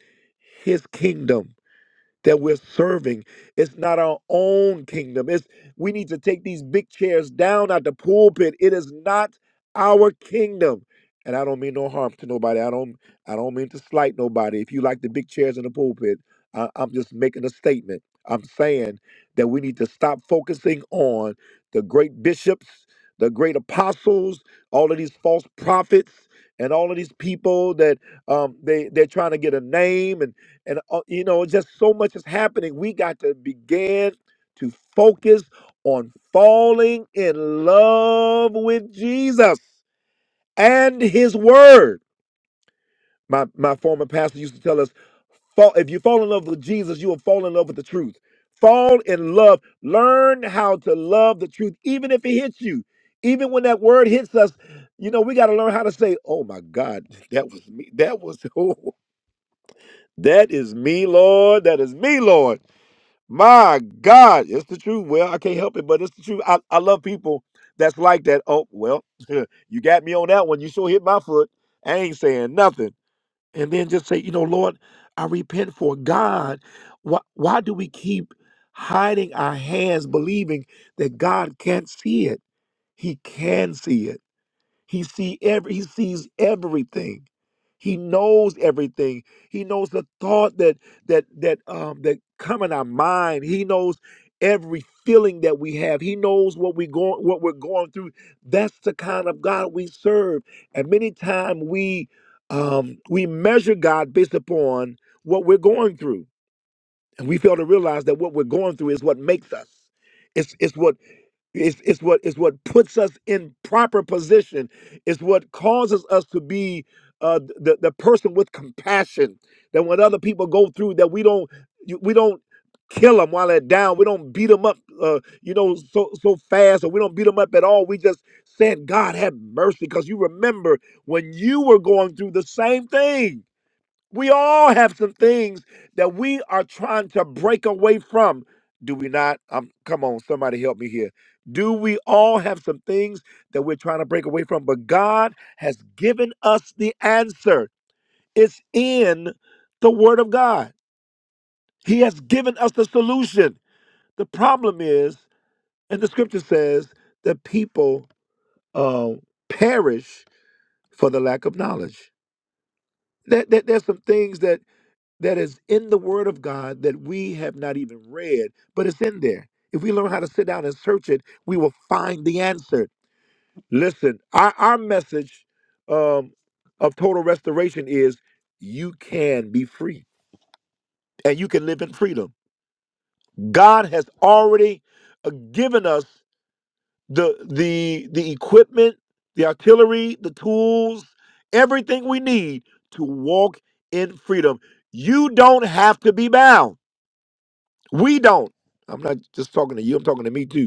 his kingdom that we're serving. It's not our own kingdom. It's we need to take these big chairs down at the pulpit. It is not our kingdom. And I don't mean no harm to nobody. I don't I don't mean to slight nobody. If you like the big chairs in the pulpit, I, I'm just making a statement. I'm saying that we need to stop focusing on the great bishops, the great apostles, all of these false prophets, and all of these people that um, they they're trying to get a name and and uh, you know just so much is happening we got to begin to focus on falling in love with jesus and his word my my former pastor used to tell us fall, if you fall in love with jesus you will fall in love with the truth fall in love learn how to love the truth even if it hits you even when that word hits us you know we got to learn how to say oh my god that was me that was oh, that is me lord that is me lord My God, it's the truth. Well, I can't help it, but it's the truth. I, I love people that's like that. Oh, well, you got me on that one. You sure hit my foot. I ain't saying nothing. And then just say, you know, Lord, I repent for God. Why, why do we keep hiding our hands, believing that God can't see it? He can see it. He see every he sees everything. He knows everything. He knows the thought that that that um that come in our mind. He knows every feeling that we have. He knows what we going what we're going through. That's the kind of God we serve. And many times we um we measure God based upon what we're going through and we fail to realize that what we're going through is what makes us. It's it's what it's, it's what is what puts us in proper position. It's what causes us to be uh, the the person with compassion. That when other people go through, that we don't you- we don't kill them while they're down. We don't beat them up, uh, you know, so so fast, or we don't beat them up at all. We just said, God have mercy, because you remember when you were going through the same thing we all have some things that we are trying to break away from. Do we not? Um, come on, somebody help me here. Do we all have some things that we're trying to break away from? But God has given us the answer. It's in the Word of God. He has given us the solution. The problem is, and the scripture says, that people uh, perish for the lack of knowledge. That, that, there's some things that that is in the Word of God that we have not even read, but it's in there. If we learn how to sit down and search it, we will find the answer. Listen, our, our message um, of total restoration is you can be free and you can live in freedom. God has already uh, given us the the the equipment, the artillery, the tools, everything we need to walk in freedom. You don't have to be bound. We don't. I'm not just talking to you, I'm talking to me too.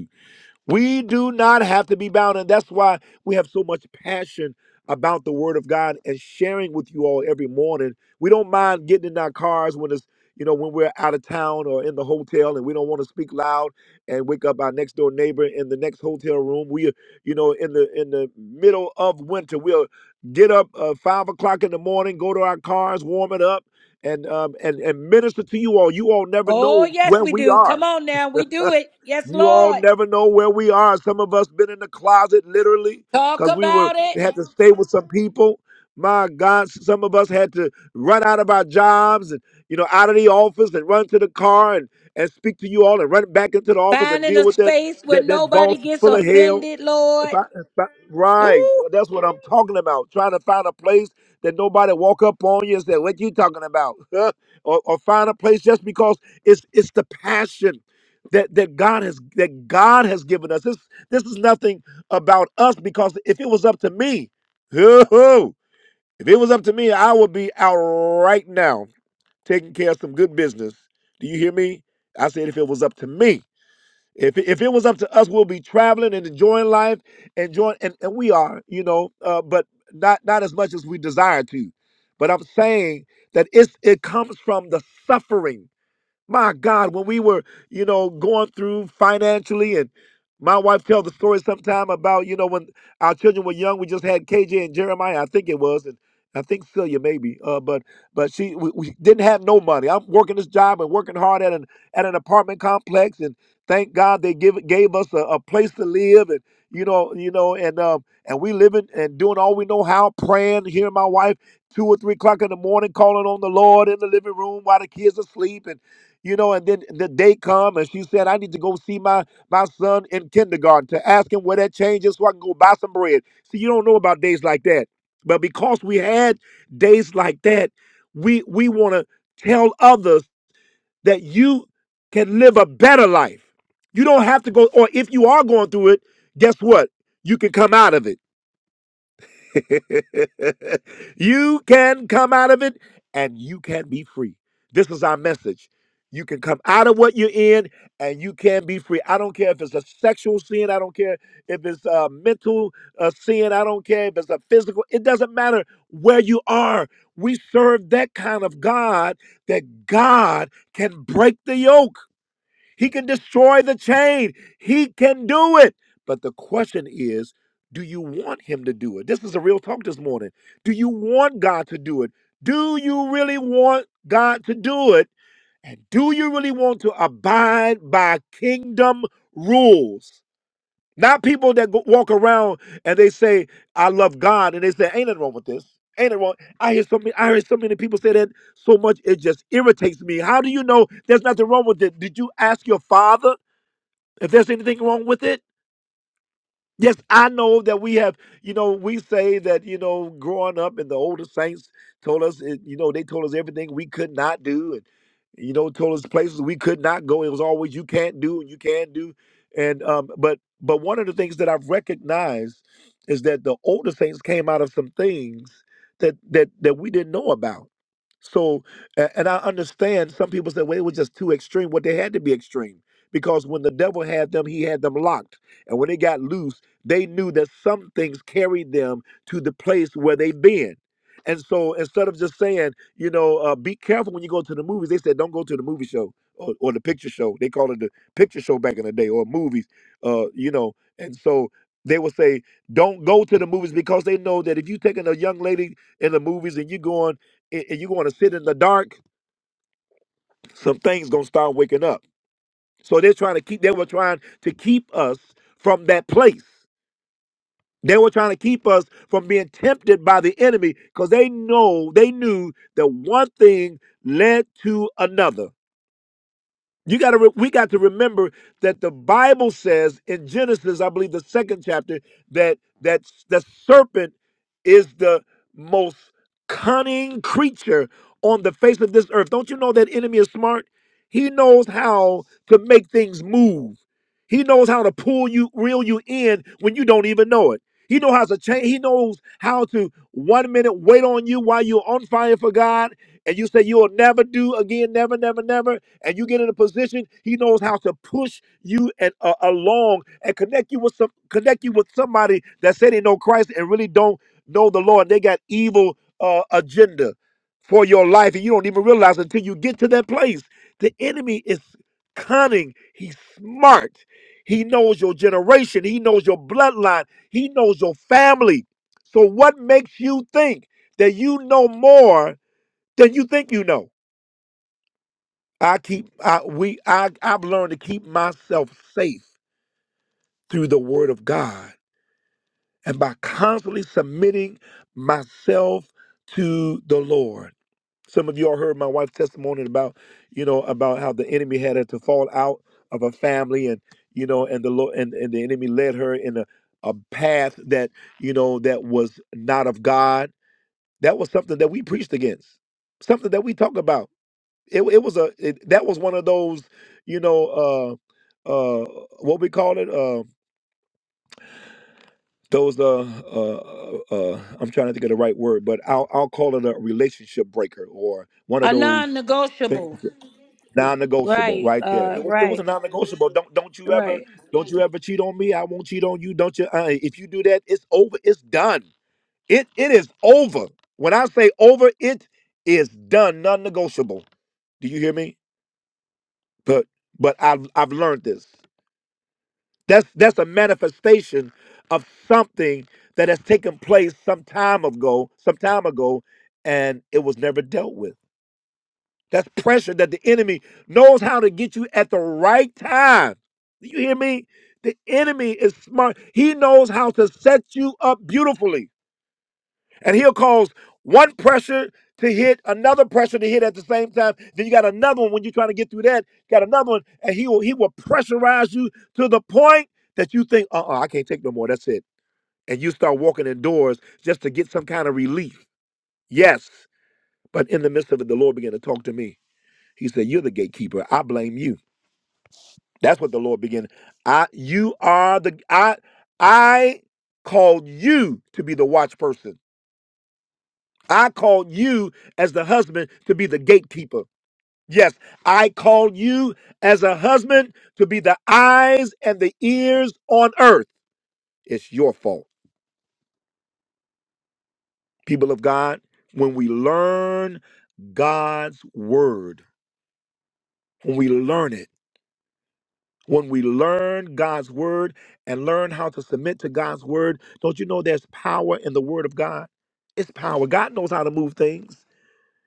We do not have to be bound. And that's why we have so much passion about the word of God and sharing with you all every morning. We don't mind getting in our cars when it's, you know, when we're out of town or in the hotel and we don't want to speak loud and wake up our next door neighbor in the next hotel room. We, you know, in the in the middle of winter, we'll get up uh, five o'clock in the morning, go to our cars, warm it up, and um and and minister to you all. You all never
Oh,
know
yes,
where
we
we
do.
are.
Come on now. We do it. Yes,
You all
Lord.
never know where we are. Some of us been in the closet literally
Talk
because we were
about it.
we had to stay with some people. My God, some of us had to run out of our jobs and you know out of the office and run to the car and and speak to you all and run back into the office and
Finding
deal
a
with that
space where
that that
nobody
boss
gets
full of hell.
offended,
If
Lord.
I, if I- right.
Ooh.
That's what I'm talking about. Trying to find a place that nobody walk up on you and say, "What you talking about?" or, or find a place just because it's it's the passion that that God has that God has given us. This this is nothing about us because if it was up to me, if it was up to me, I would be out right now taking care of some good business. Do you hear me? I said if it was up to me. If if it was up to us, we'll be traveling and enjoying life, enjoying, and, and we are, you know, uh, but not not as much as we desire to. But I'm saying that it's it comes from the suffering my God, when we were, you know, going through financially and my wife tells the story sometime about, you know, when our children were young, we just had KJ and Jeremiah, I think it was, and I think Celia maybe, uh, but but she we, we didn't have no money. I'm working this job and working hard at an at an apartment complex, and thank God they give gave us a, a place to live, and you know you know and um and we living and doing all we know how, praying, hearing my wife two or three o'clock in the morning calling on the Lord in the living room while the kids are asleep, and you know, and then the day come and she said, I need to go see my, my son in kindergarten to ask him where that change is so I can go buy some bread. See, you don't know about days like that. But because we had days like that, we we want to tell others that you can live a better life. You don't have to go, or if you are going through it, guess what? You can come out of it you can come out of it and you can be free. This is our message. You can come out of what you're in and you can be free. I don't care if it's a sexual sin. I don't care if it's a mental uh, sin. I don't care if it's a physical. It doesn't matter where you are. We serve that kind of God that God can break the yoke. He can destroy the chain. He can do it. But the question is, do you want him to do it? This is a real talk this morning. Do you want God to do it? Do you really want God to do it? And do you really want to abide by kingdom rules? Not people that go, walk around and they say, I love God, and they say, ain't nothing wrong with this. Ain't nothing wrong. I hear so many, I hear so many people say that so much it just irritates me. How do you know there's nothing wrong with it? Did you ask your father? If there's anything wrong with it, Yes, I know that we have, you know, we say that, you know, growing up and the older saints told us, it- you know, they told us everything we could not do and, you know, told us places we could not go. It was always you can't do and you can do. And, um, but, but one of the things that I've recognized is that the older saints came out of some things that, that, that we didn't know about. So, a- and I understand some people say, well, it was just too extreme. Well, they had to be extreme because when the devil had them, he had them locked. And when they got loose, they knew that some things carried them to the place where they've been. And so instead of just saying, you know, uh, be careful when you go to the movies, they said, don't go to the movie show or, or the picture show. They called it the picture show back in the day or movies, uh, you know. And so they would say, don't go to the movies because they know that if you're taking a young lady in the movies and you're going and and you're going to sit in the dark, some things going to start waking up. So they're trying to keep, they were trying to keep us from that place. They were trying to keep us from being tempted by the enemy because they know they knew that one thing led to another. You got to re- we got to remember that the Bible says in Genesis, I believe the second chapter, that that the serpent is the most cunning creature on the face of this earth. Don't you know that enemy is smart? He knows how to make things move. He knows how to pull you, reel you in when you don't even know it. He knows how to change. He knows how to one minute wait on you while you're on fire for God, and you say you'll never do again, never, never, never, and you get in a position. He knows how to push you and uh, along and connect you with some, connect you with somebody that said they know Christ and really don't know the Lord. They got evil uh, agenda for your life, and you don't even realize until you get to that place. The enemy is cunning. He's smart he knows your generation. He knows your bloodline. He knows your family. So, what makes you think that you know more than you think you know? I keep I we I I've learned to keep myself safe through the Word of God and by constantly submitting myself to the Lord. Some of y'all heard my wife's testimony about, you know, about how the enemy had her to fall out of a family and, you know, and the Lord and, and the enemy led her in a, a path that, you know, that was not of God. That was something that we preached against, something that we talk about. It, it was a, it, that was one of those, you know, uh, uh, what we call it, uh, those, uh, uh, uh, uh, I'm trying to think of the right word, but I'll, I'll call it a relationship breaker or one of
A
those
non-negotiable.
things. Non-negotiable,
Right.
right there.
Uh.
It was, it was a
Right.
non-negotiable. Don't don't you ever
Right.
don't you ever cheat on me. I won't cheat on you. Don't you? Uh, if you do that, it's over. It's done. It it is over. When I say over, it is done. Non-negotiable. Do you hear me? But but I've I've learned this. That's that's a manifestation of something that has taken place some time ago, some time ago, and it was never dealt with. That's pressure that the enemy knows how to get you at the right time. Do you hear me? The enemy is smart. He knows how to set you up beautifully. And he'll cause one pressure to hit, another pressure to hit at the same time. Then you got another one when you're trying to get through that, got another one, and he will he will pressurize you to the point that you think, uh-uh, I can't take no more. That's it. And you start walking indoors just to get some kind of relief. Yes. But in the midst of it, the Lord began to talk to me. He said, You're the gatekeeper. I blame you. That's what the Lord began. I you are the I I called you to be the watch person. I called you as the husband to be the gatekeeper. Yes, I called you as a husband to be the eyes and the ears on earth. It's your fault. People of God, when we learn God's word, when we learn it. When we learn God's word and learn how to submit to God's word, don't you know there's power in the word of God? It's power. God knows how to move things.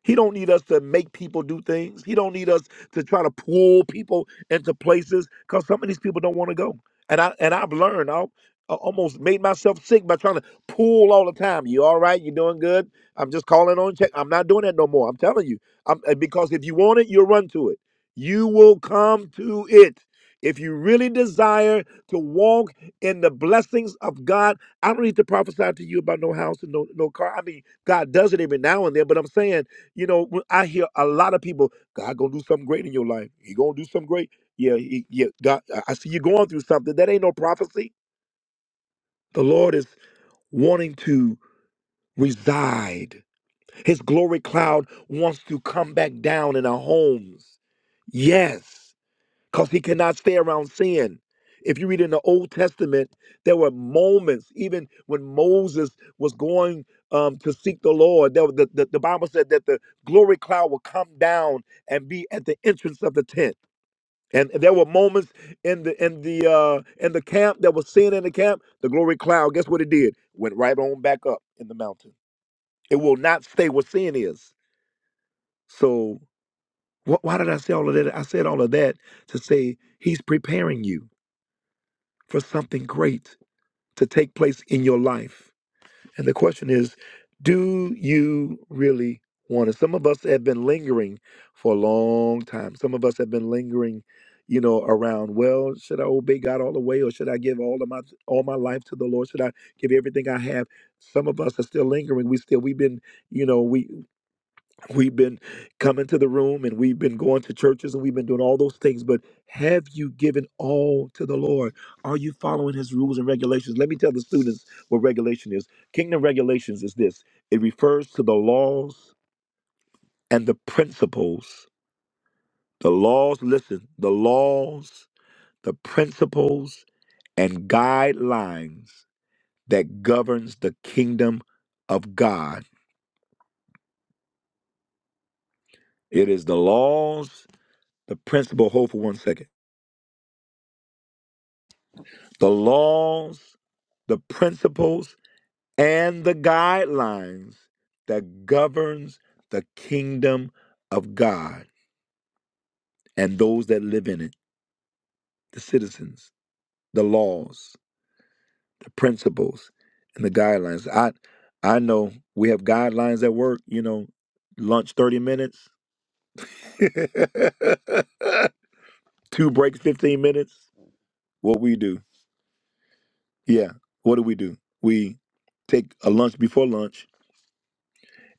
He don't need us to make people do things. He don't need us to try to pull people into places because some of these people don't want to go. And I and I've learned. I almost made myself sick by trying to pull all the time. You all right? You doing good? I'm just calling on check. I'm not doing that no more. I'm telling you. I'm, uh, because if you want it, you'll run to it. You will come to it. If you really desire to walk in the blessings of God, I don't need to prophesy to you about no house and no, no car. I mean, God does it every now and then, but I'm saying you know, when I hear a lot of people, God gonna do something great in your life. He gonna do something great. Yeah, he, yeah. God, I I see you going through something. That ain't no prophecy. The Lord is wanting to reside. His glory cloud wants to come back down in our homes. Yes because he cannot stay around sin. If you read in the Old Testament, there were moments, even when Moses was going um, to seek the Lord, there was the, the, the Bible said that the glory cloud would come down and be at the entrance of the tent. And there were moments in the in the uh, in the camp that was sin in the camp. The glory cloud, guess what it did? Went right on back up in the mountain. It will not stay where sin is. So wh- why did I say all of that? I said all of that to say he's preparing you. for something great to take place in your life. And the question is, do you really want it? Some of us have been lingering for a long time. Some of us have been lingering, you know, around, well, should I obey God all the way or should I give all of my all my life to the Lord? Should I give everything I have? Some of us are still lingering. We still we've been, you know, we We've been coming to the room and we've been going to churches and we've been doing all those things, but have you given all to the Lord? Are you following his rules and regulations? Let me tell the students what regulation is. Kingdom regulations is this it refers to the laws and the principles. The laws, listen, the laws, the principles, and guidelines that governs the kingdom of God. It is the laws, the principle. Hold for one second The laws, the principles, and the guidelines that governs the kingdom of God and those that live in it, the citizens, the laws, the principles, and the guidelines. I I know we have guidelines at work, you know, lunch 30 minutes, two breaks 15 minutes. What we do. Yeah. What do we do? We take a lunch before lunch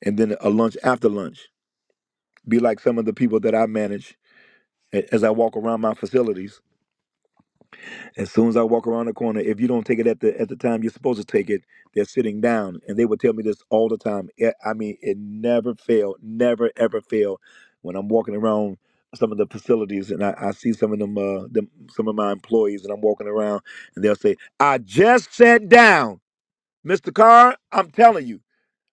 and then a lunch after lunch. be like some of the people that I manage a- as I walk around my facilities. As soon as I walk around the corner, if you don't take it at the at the time you're supposed to take it, they're sitting down, and they would tell me this all the time. It- I mean, it never failed, never ever failed. When I'm walking around some of the facilities, and I, I see some of them, uh, them, some of my employees, and I'm walking around, and they'll say, "I just sat down, Mr. Carr. I'm telling you,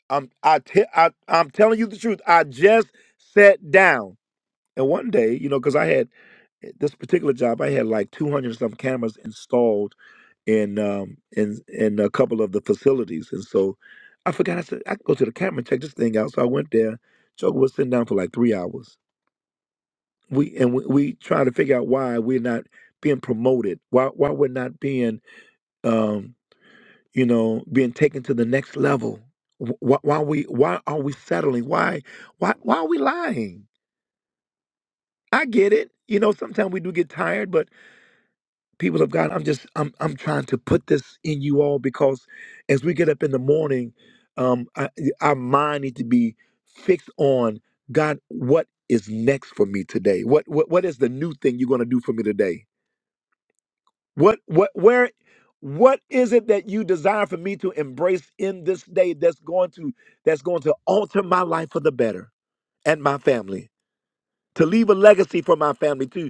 I'm I, te- I I'm telling you the truth. I just sat down." And one day, you know, because I had eh, this particular job, I had like 200 some cameras installed in um, in in a couple of the facilities, and so I forgot. I said I could go to the camera and check this thing out. So I went there. Joker was sitting down for like three hours. We and we, we trying to figure out why we're not being promoted, why why we're not being um, you know being taken to the next level. Wh- Why, why we why are we settling? Why why why are we lying? I get it. You know, sometimes we do get tired, but people of God, I'm just I'm I'm trying to put this in you all because as we get up in the morning, um, I, our mind needs to be fixed on God. What is next for me today? What what what is the new thing you're going to do for me today? What what where? What is it that you desire for me to embrace in this day that's going to that's going to alter my life for the better and my family? To leave a legacy for my family, to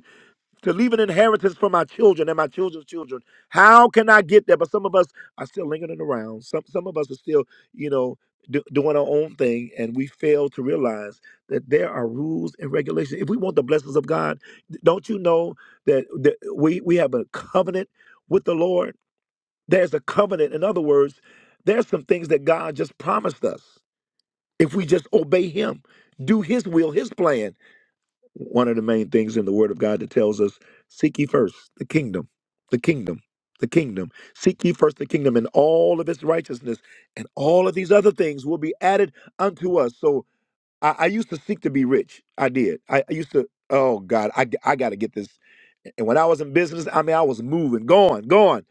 to leave an inheritance for my children and my children's children. How can I get there? But some of us are still lingering around. Some some of us are still, you know, do, doing our own thing, and we fail to realize that there are rules and regulations. If we want the blessings of God, d- don't you know that, that we we have a covenant with the Lord? There's a covenant. In other words, there's some things that God just promised us if we just obey Him, do His will, His plan. One of the main things in the Word of God that tells us seek ye first the kingdom, the kingdom, the kingdom. Seek ye first the kingdom and all of its righteousness, and all of these other things will be added unto us. So I, I used to seek to be rich. I did. I, I used to, oh God, I, I got to get this. And when I was in business, I mean, I was moving, going, going.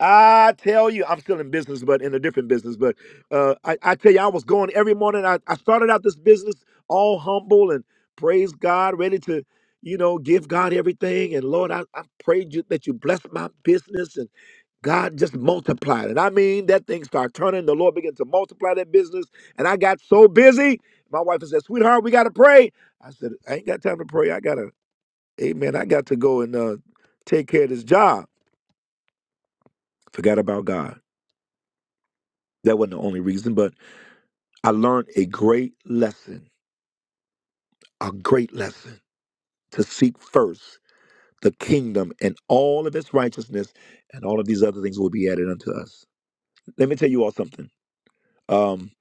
I tell you, I'm still in business, but in a different business. But uh, I, I tell you, I was going every morning. I, I started out this business all humble and praise God, ready to, you know, give God everything. And Lord, I, I prayed you that you bless my business and God just multiplied it. I mean, that thing started turning. The Lord began to multiply that business. And I got so busy. My wife said, sweetheart, we got to pray. I said, I ain't got time to pray. I got to. Amen. I got to go and uh, take care of this job. Forgot about God. That wasn't the only reason, but I learned a great lesson, a great lesson to seek first the kingdom and all of its righteousness, and all of these other things will be added unto us. Let me tell you all something. Um,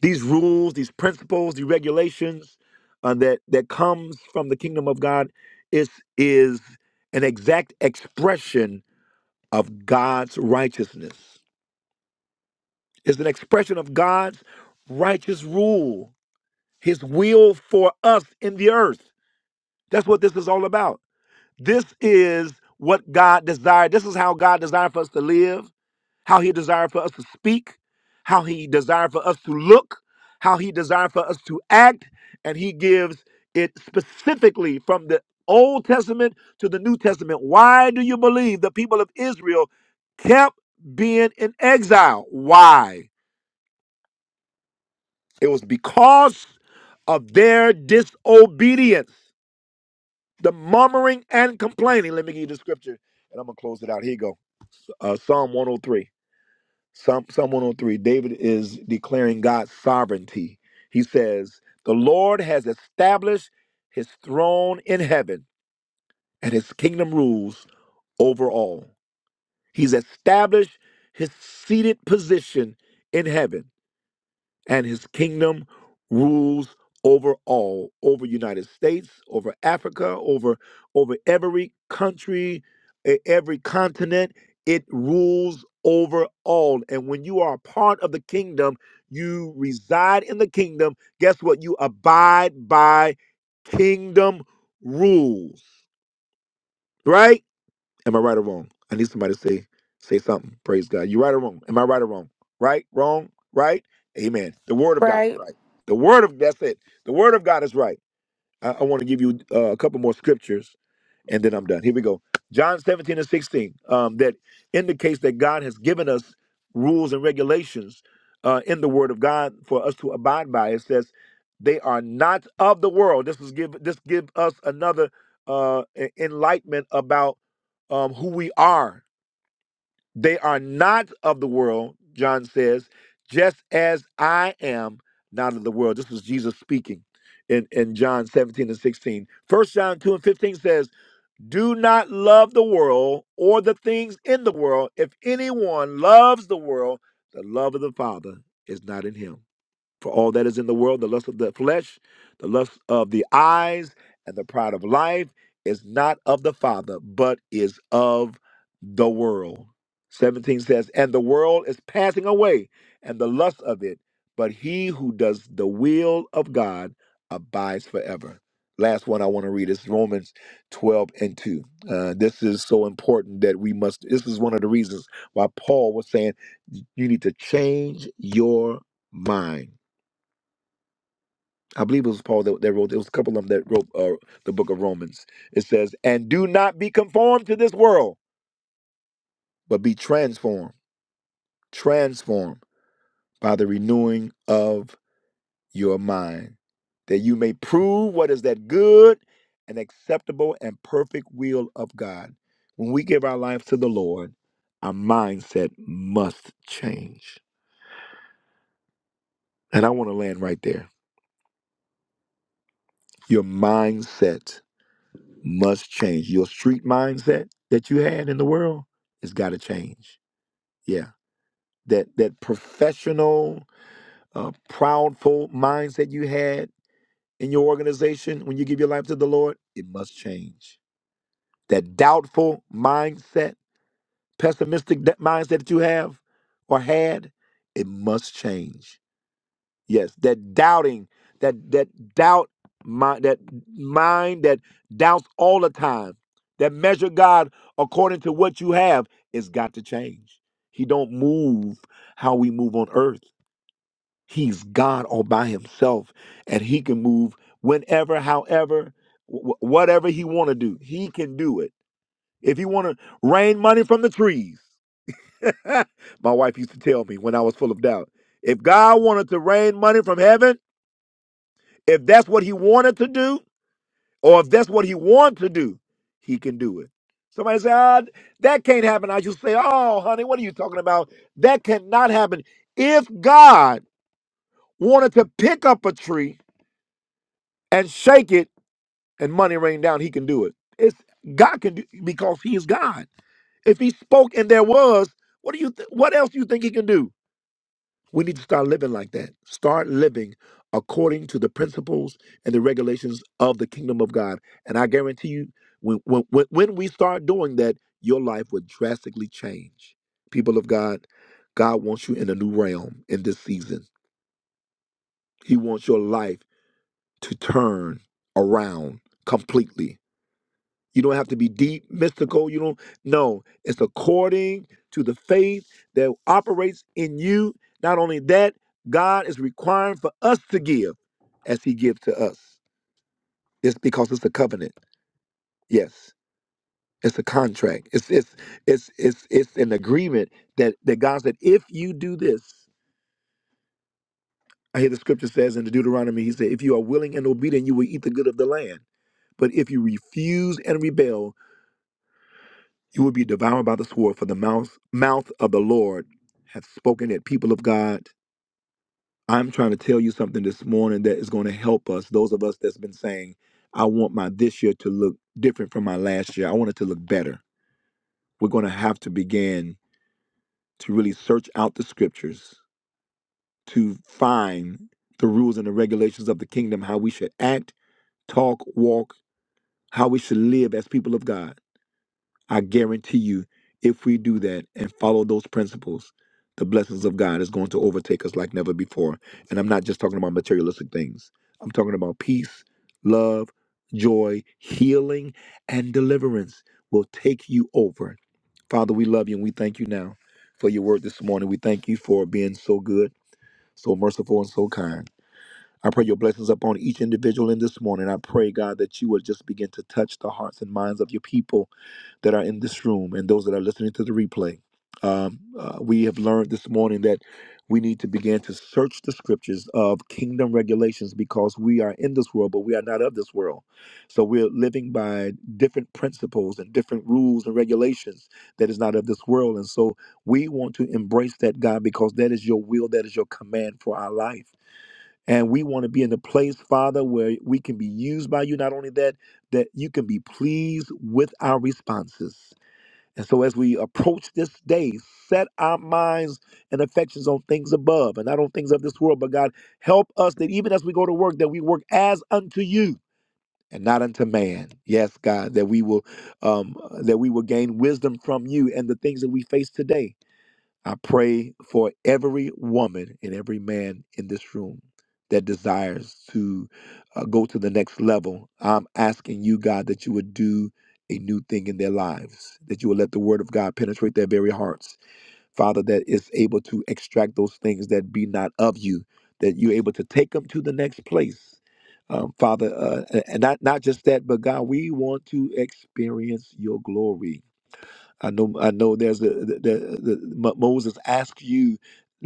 these rules, these principles, the regulations uh, that that comes from the kingdom of God is is an exact expression of God's righteousness. is an expression of God's righteous rule, his will for us in the earth. That's what this is all about. This is what God desired. This is how God desired for us to live, how he desired for us to speak, how he desired for us to look, how he desired for us to act, and he gives it specifically from the Old Testament to the New Testament. Why do you believe the people of Israel kept being in exile? Why? It was because of their disobedience, the murmuring and complaining. Let me give you the scripture, and I'm gonna close it out. Here you go. Uh, Psalm 103. Psalm, Psalm 103. David is declaring God's sovereignty. He says, "The Lord has established His throne in heaven, and His kingdom rules over all. He's established His seated position in heaven." and his kingdom rules over all over united states over africa over over every country e- every continent it rules over all and when you are a part of the kingdom you reside in the kingdom guess what you abide by kingdom rules right Am I right or wrong? I need somebody to say say something. Praise God. You right or wrong? Am I right or wrong? Right? Wrong? Right? Amen. The word of God is
right?
right. The word of that's it. The word of God is right. I, I want to give you uh, a couple more scriptures and then I'm done. Here we go. John 17 and 16 um, that indicates that God has given us rules and regulations uh, in the Word of God for us to abide by. It says, "They are not of the world." This is give this give us another uh, e- enlightenment about um, who we are they are not of the world, John says, just as I am not of the world. This was Jesus speaking in, in John 17 and 16. First John 2 and 15 says, Do not love the world or the things in the world. If anyone loves the world, the love of the Father is not in him. For all that is in the world, the lust of the flesh, the lust of the eyes, and the pride of life is not of the Father, but is of the world. 17 says, And the world is passing away, and the lust of it, but he who does the will of God abides forever. Last one I want to read is Romans 12 and 2. Uh, this is so important that we must, this is one of the reasons why Paul was saying, You need to change your mind I believe it was Paul that, that wrote. There was a couple of them that wrote uh, the book of Romans. It says, "And do not be conformed to this world, but be transformed, transformed by the renewing of your mind, that you may prove what is that good and acceptable and perfect will of God." When we give our lives to the Lord, our mindset must change. And I want to land right there. Your mindset must change. Your street mindset that you had in the world has got to change. Yeah, that that professional, uh, proudful mindset you had in your organization when you give your life to the Lord, it must change. That doubtful mindset, pessimistic de- mindset that you have or had, it must change Yes, that doubting, that that doubt mind, that mind that doubts all the time, that measure God according to what you have, it's got to change. He don't move how we move on earth. He's God all by himself, and he can move whenever, however, wh- whatever he want to do. He can do it. If he want to rain money from the trees, my wife used to tell me when I was full of doubt. If God wanted to rain money from heaven if that's what he wanted to do, or if that's what he wants to do, he can do it. Somebody say, ah, that can't happen. I just say, oh, honey, what are you talking about? That cannot happen. If God wanted to pick up a tree and shake it and money rain down, he can do it. It's God can do because he is God. If he spoke and there was, what do you th- what else do you think he can do? We need to start living like that. Start living according to the principles and the regulations of the kingdom of God. And I guarantee you, when, when, when when we start doing that, your life would drastically change. People of God, God wants you in a new realm in this season. He wants your life to turn around completely. You don't have to be deep, mystical. You don't. No, it's according to the faith that operates in you. Not only that, God is requiring for us to give as He gives to us. It's because it's a covenant. Yes, it's a contract. It's it's it's it's it's an agreement that that God said, if you do this, I hear the scripture says in the Deuteronomy, He said, if you are willing and obedient, you will eat the good of the land. But if you refuse and rebel, You will be devoured by the sword, for the mouth, mouth of the Lord hath spoken it. People of God, I'm trying to tell you something this morning that is going to help us, those of us that's been saying, I want my this year to look different from my last year. I want it to look better. We're going to have to begin to really search out the scriptures to find the rules and the regulations of the kingdom, how we should act, talk, walk, how we should live as people of God. I guarantee you, if we do that and follow those principles, the blessings of God is going to overtake us like never before. And I'm not just talking about materialistic things, I'm talking about peace, love, joy, healing, and deliverance will take you over. Father, we love you and we thank you now for your word this morning. We thank you for being so good, so merciful, and so kind. I pray your blessings upon each individual in this morning. I pray, God, that you would just begin to touch the hearts and minds of your people that are in this room and those that are listening to the replay. Um, uh, we have learned this morning that we need to begin to search the scriptures of kingdom regulations because we are in this world, but we are not of this world. So we're living by different principles and different rules and regulations that is not of this world. And so we want to embrace that, God, because that is your will, that is your command for our life. And we want to be in a place, Father, where we can be used by you. Not only that, that you can be pleased with our responses. And so, as we approach this day, set our minds and affections on things above and not on things of this world. But God, help us that even as we go to work, that we work as unto you and not unto man. Yes, God, that we will um, that we will gain wisdom from you and the things that we face today. I pray for every woman and every man in this room that desires to uh, go to the next level. I'm asking you, God, that you would do a new thing in their lives, that you would let the word of God penetrate their very hearts. Father, that is able to extract those things that be not of you, that you're able to take them to the next place. Um, Father, uh, and not, not just that, but God, we want to experience your glory. I know I know there's a the, the, the Mo- Moses asked you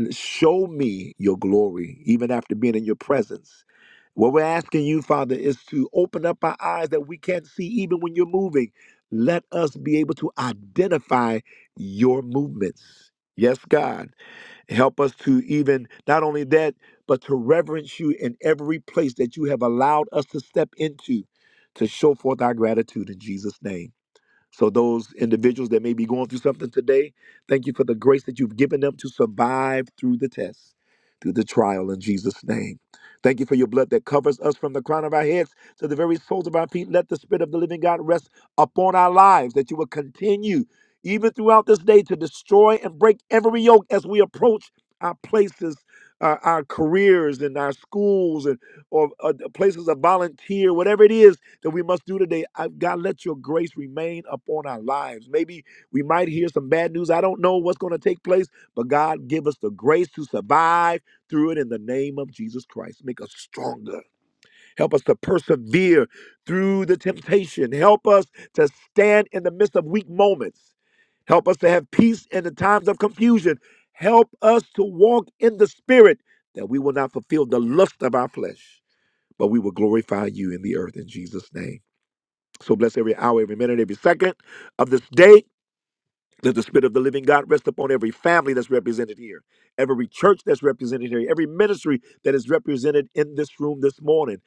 show me your glory even after being in your presence. What we're asking you, Father, is to open up our eyes that we can't see even when you're moving. Let us be able to identify your movements. Yes, God. Help us to even not only that, but to reverence you in every place that you have allowed us to step into to show forth our gratitude in Jesus' name. So, those individuals that may be going through something today, thank you for the grace that you've given them to survive through the test, through the trial in Jesus' name. Thank you for your blood that covers us from the crown of our heads to the very soles of our feet. Let the Spirit of the living God rest upon our lives, that you will continue, even throughout this day, to destroy and break every yoke as we approach our places. Our, our careers and our schools and or uh, places of volunteer, whatever it is that we must do today. I, God, let your grace remain upon our lives. Maybe we might hear some bad news. I don't know what's going to take place, but God, give us the grace to survive through it in the name of Jesus Christ. Make us stronger. Help us to persevere through the temptation. Help us to stand in the midst of weak moments. Help us to have peace in the times of confusion. Help us to walk in the spirit that we will not fulfill the lust of our flesh, but we will glorify you in the earth in Jesus' name. So bless every hour, every minute, every second of this day. Let the Spirit of the living God rest upon every family that's represented here, every church that's represented here, every ministry that is represented in this room this morning.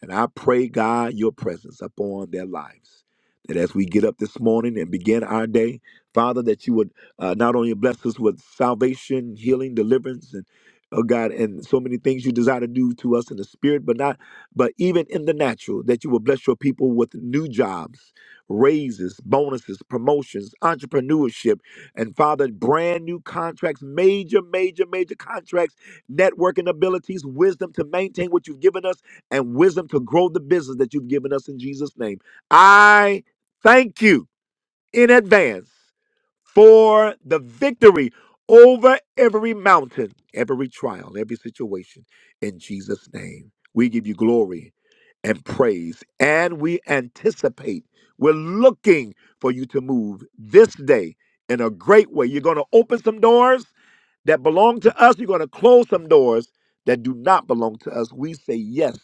And I pray, God, your presence upon their lives. That as we get up this morning and begin our day, Father, that you would uh, not only bless us with salvation, healing, deliverance, and oh God, and so many things you desire to do to us in the spirit, but not, but even in the natural, that you will bless your people with new jobs raises, bonuses, promotions, entrepreneurship, and Father, brand new contracts, major, major, major contracts, networking abilities, wisdom to maintain what you've given us, and wisdom to grow the business that you've given us in Jesus' name. I thank you in advance for the victory over every mountain, every trial, every situation. In Jesus' name, we give you glory and praise, and we anticipate. We're looking for you to move this day in a great way. You're going to open some doors that belong to us, you're going to close some doors that do not belong to us. We say yes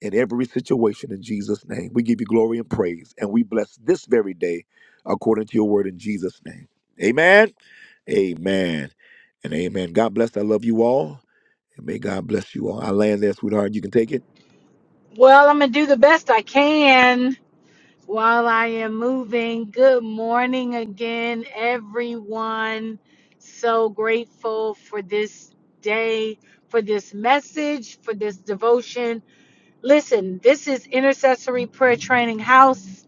in every situation in Jesus' name. We give you glory and praise, and we bless this very day according to your word in Jesus' name. Amen, amen, and amen. God bless. I love you all, and may God bless you all. I land there, sweetheart. You can take it.
Well, I'm going to do the best I can while I am moving. Good morning again, everyone. So grateful for this day, for this message, for this devotion. Listen, this is Intercessory Prayer Training House.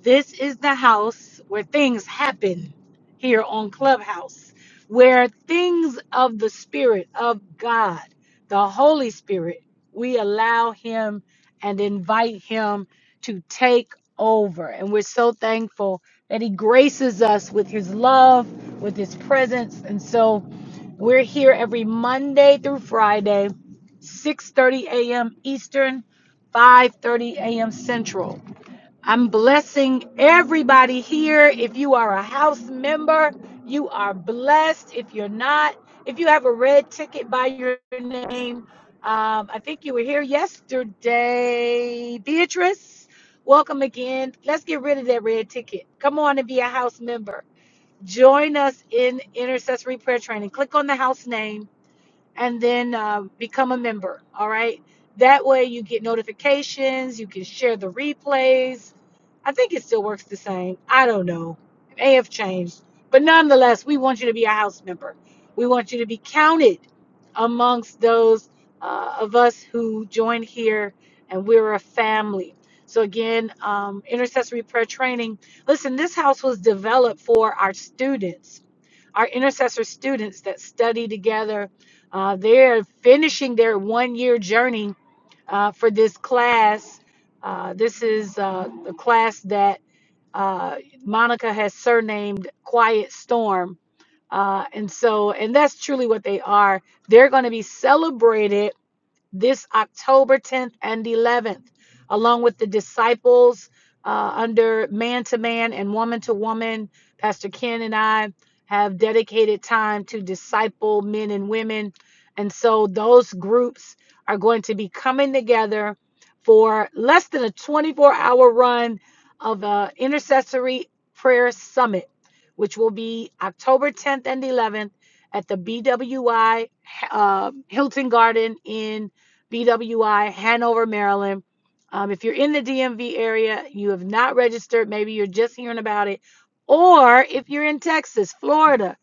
This is the house where things happen here on Clubhouse, where things of the Spirit of God, the Holy Spirit, we allow Him and invite Him to take over. And we're so thankful that He graces us with His love, with His presence. And so we're here every Monday through Friday, 6:30 a.m. Eastern, 5:30 a.m. Central. I'm blessing everybody here. If you are a house member, you are blessed. If you're not, if you have a red ticket by your name, um, I think you were here yesterday. Beatrice, welcome again. Let's get rid of that red ticket. Come on and be a house member. Join us in intercessory prayer training. Click on the house name and then uh, become a member. All right. That way you get notifications, you can share the replays. I think it still works the same. I don't know. It may have changed. But nonetheless, we want you to be a house member. We want you to be counted amongst those uh, of us who join here, and we're a family. So, again, um, intercessory prayer training. Listen, this house was developed for our students our intercessor students that study together. Uh, they're finishing their one year journey uh, for this class. Uh, this is uh, the class that uh, Monica has surnamed Quiet Storm. Uh, and so, and that's truly what they are. They're going to be celebrated this October 10th and 11th, along with the disciples uh, under man to man and woman to woman. Pastor Ken and I have dedicated time to disciple men and women. And so those groups are going to be coming together for less than a 24 hour run of an intercessory prayer summit, which will be October 10th and 11th at the BWI uh, Hilton Garden in BWI, Hanover, Maryland. Um, if you're in the DMV area, you have not registered, maybe you're just hearing about it, or if you're in Texas, Florida,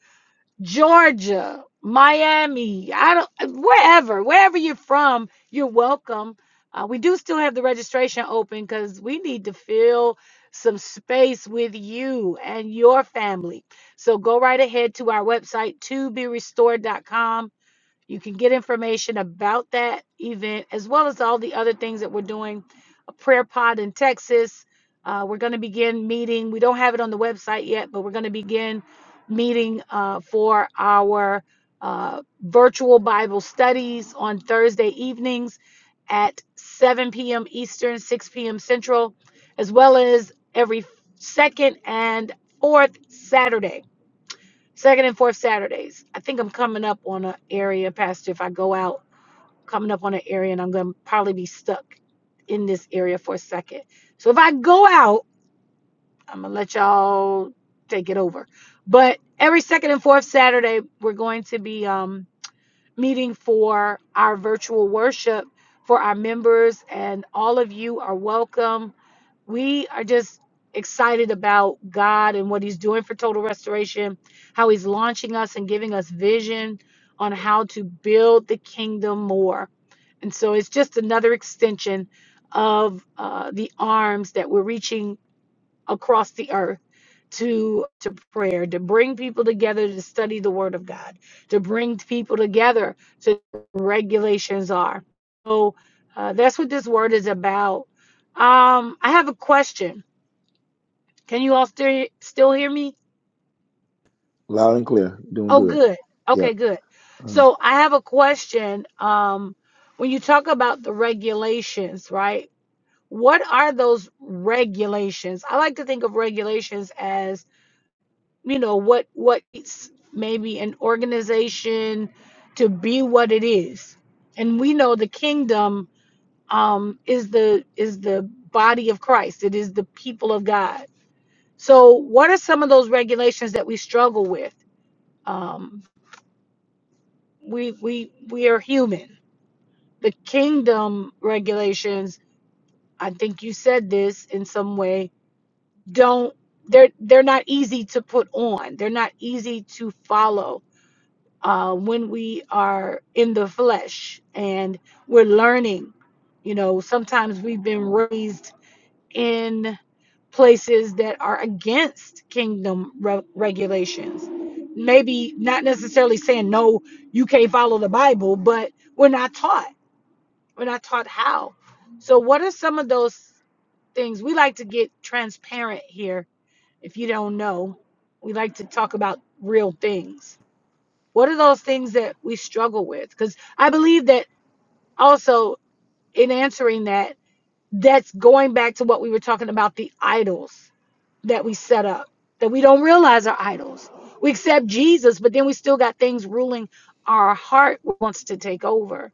Georgia, Miami, I don't, wherever, wherever you're from, you're welcome. Uh, we do still have the registration open because we need to fill some space with you and your family. So go right ahead to our website, to be restored.com you can get information about that event as well as all the other things that we're doing. A prayer pod in Texas. Uh, we're going to begin meeting. We don't have it on the website yet, but we're going to begin meeting uh, for our uh, virtual Bible studies on Thursday evenings at 7 p.m. Eastern, 6 p.m. Central, as well as every second and fourth Saturday Second and fourth Saturdays. I think I'm coming up on an area, Pastor. If I go out, coming up on an area, and I'm going to probably be stuck in this area for a second. So if I go out, I'm going to let y'all take it over. But every second and fourth Saturday, we're going to be um, meeting for our virtual worship for our members, and all of you are welcome we are just excited about God and what He's doing for total restoration, how He's launching us and giving us vision on how to build the kingdom more. And so it's just another extension of uh, the arms that we're reaching across the earth to to prayer to bring people together to study the word of god to bring people together to regulations are so uh, that's what this word is about um i have a question can you all still still hear me
Loud and clear. Doing
oh
good.
good okay
Yep.
good so i have a question um when you talk about the regulations right what are those regulations i like to think of regulations as you know what what it's maybe an organization to be what it is and we know the kingdom um is the is the body of christ it is the people of god so what are some of those regulations that we struggle with um we we we are human the kingdom regulations i think you said this in some way don't they're they're not easy to put on they're not easy to follow uh, when we are in the flesh and we're learning. You know, sometimes we've been raised in places that are against kingdom re- regulations. Maybe not necessarily saying, no, you can't follow the Bible, but we're not taught. We're not taught how. So, what are some of those things? We like to get transparent here. If you don't know, we like to talk about real things what are those things that we struggle with? Because I believe that also in answering that, that's going back to what we were talking about the idols that we set up, that we don't realize are idols. We accept Jesus, but then we still got things ruling our heart wants to take over.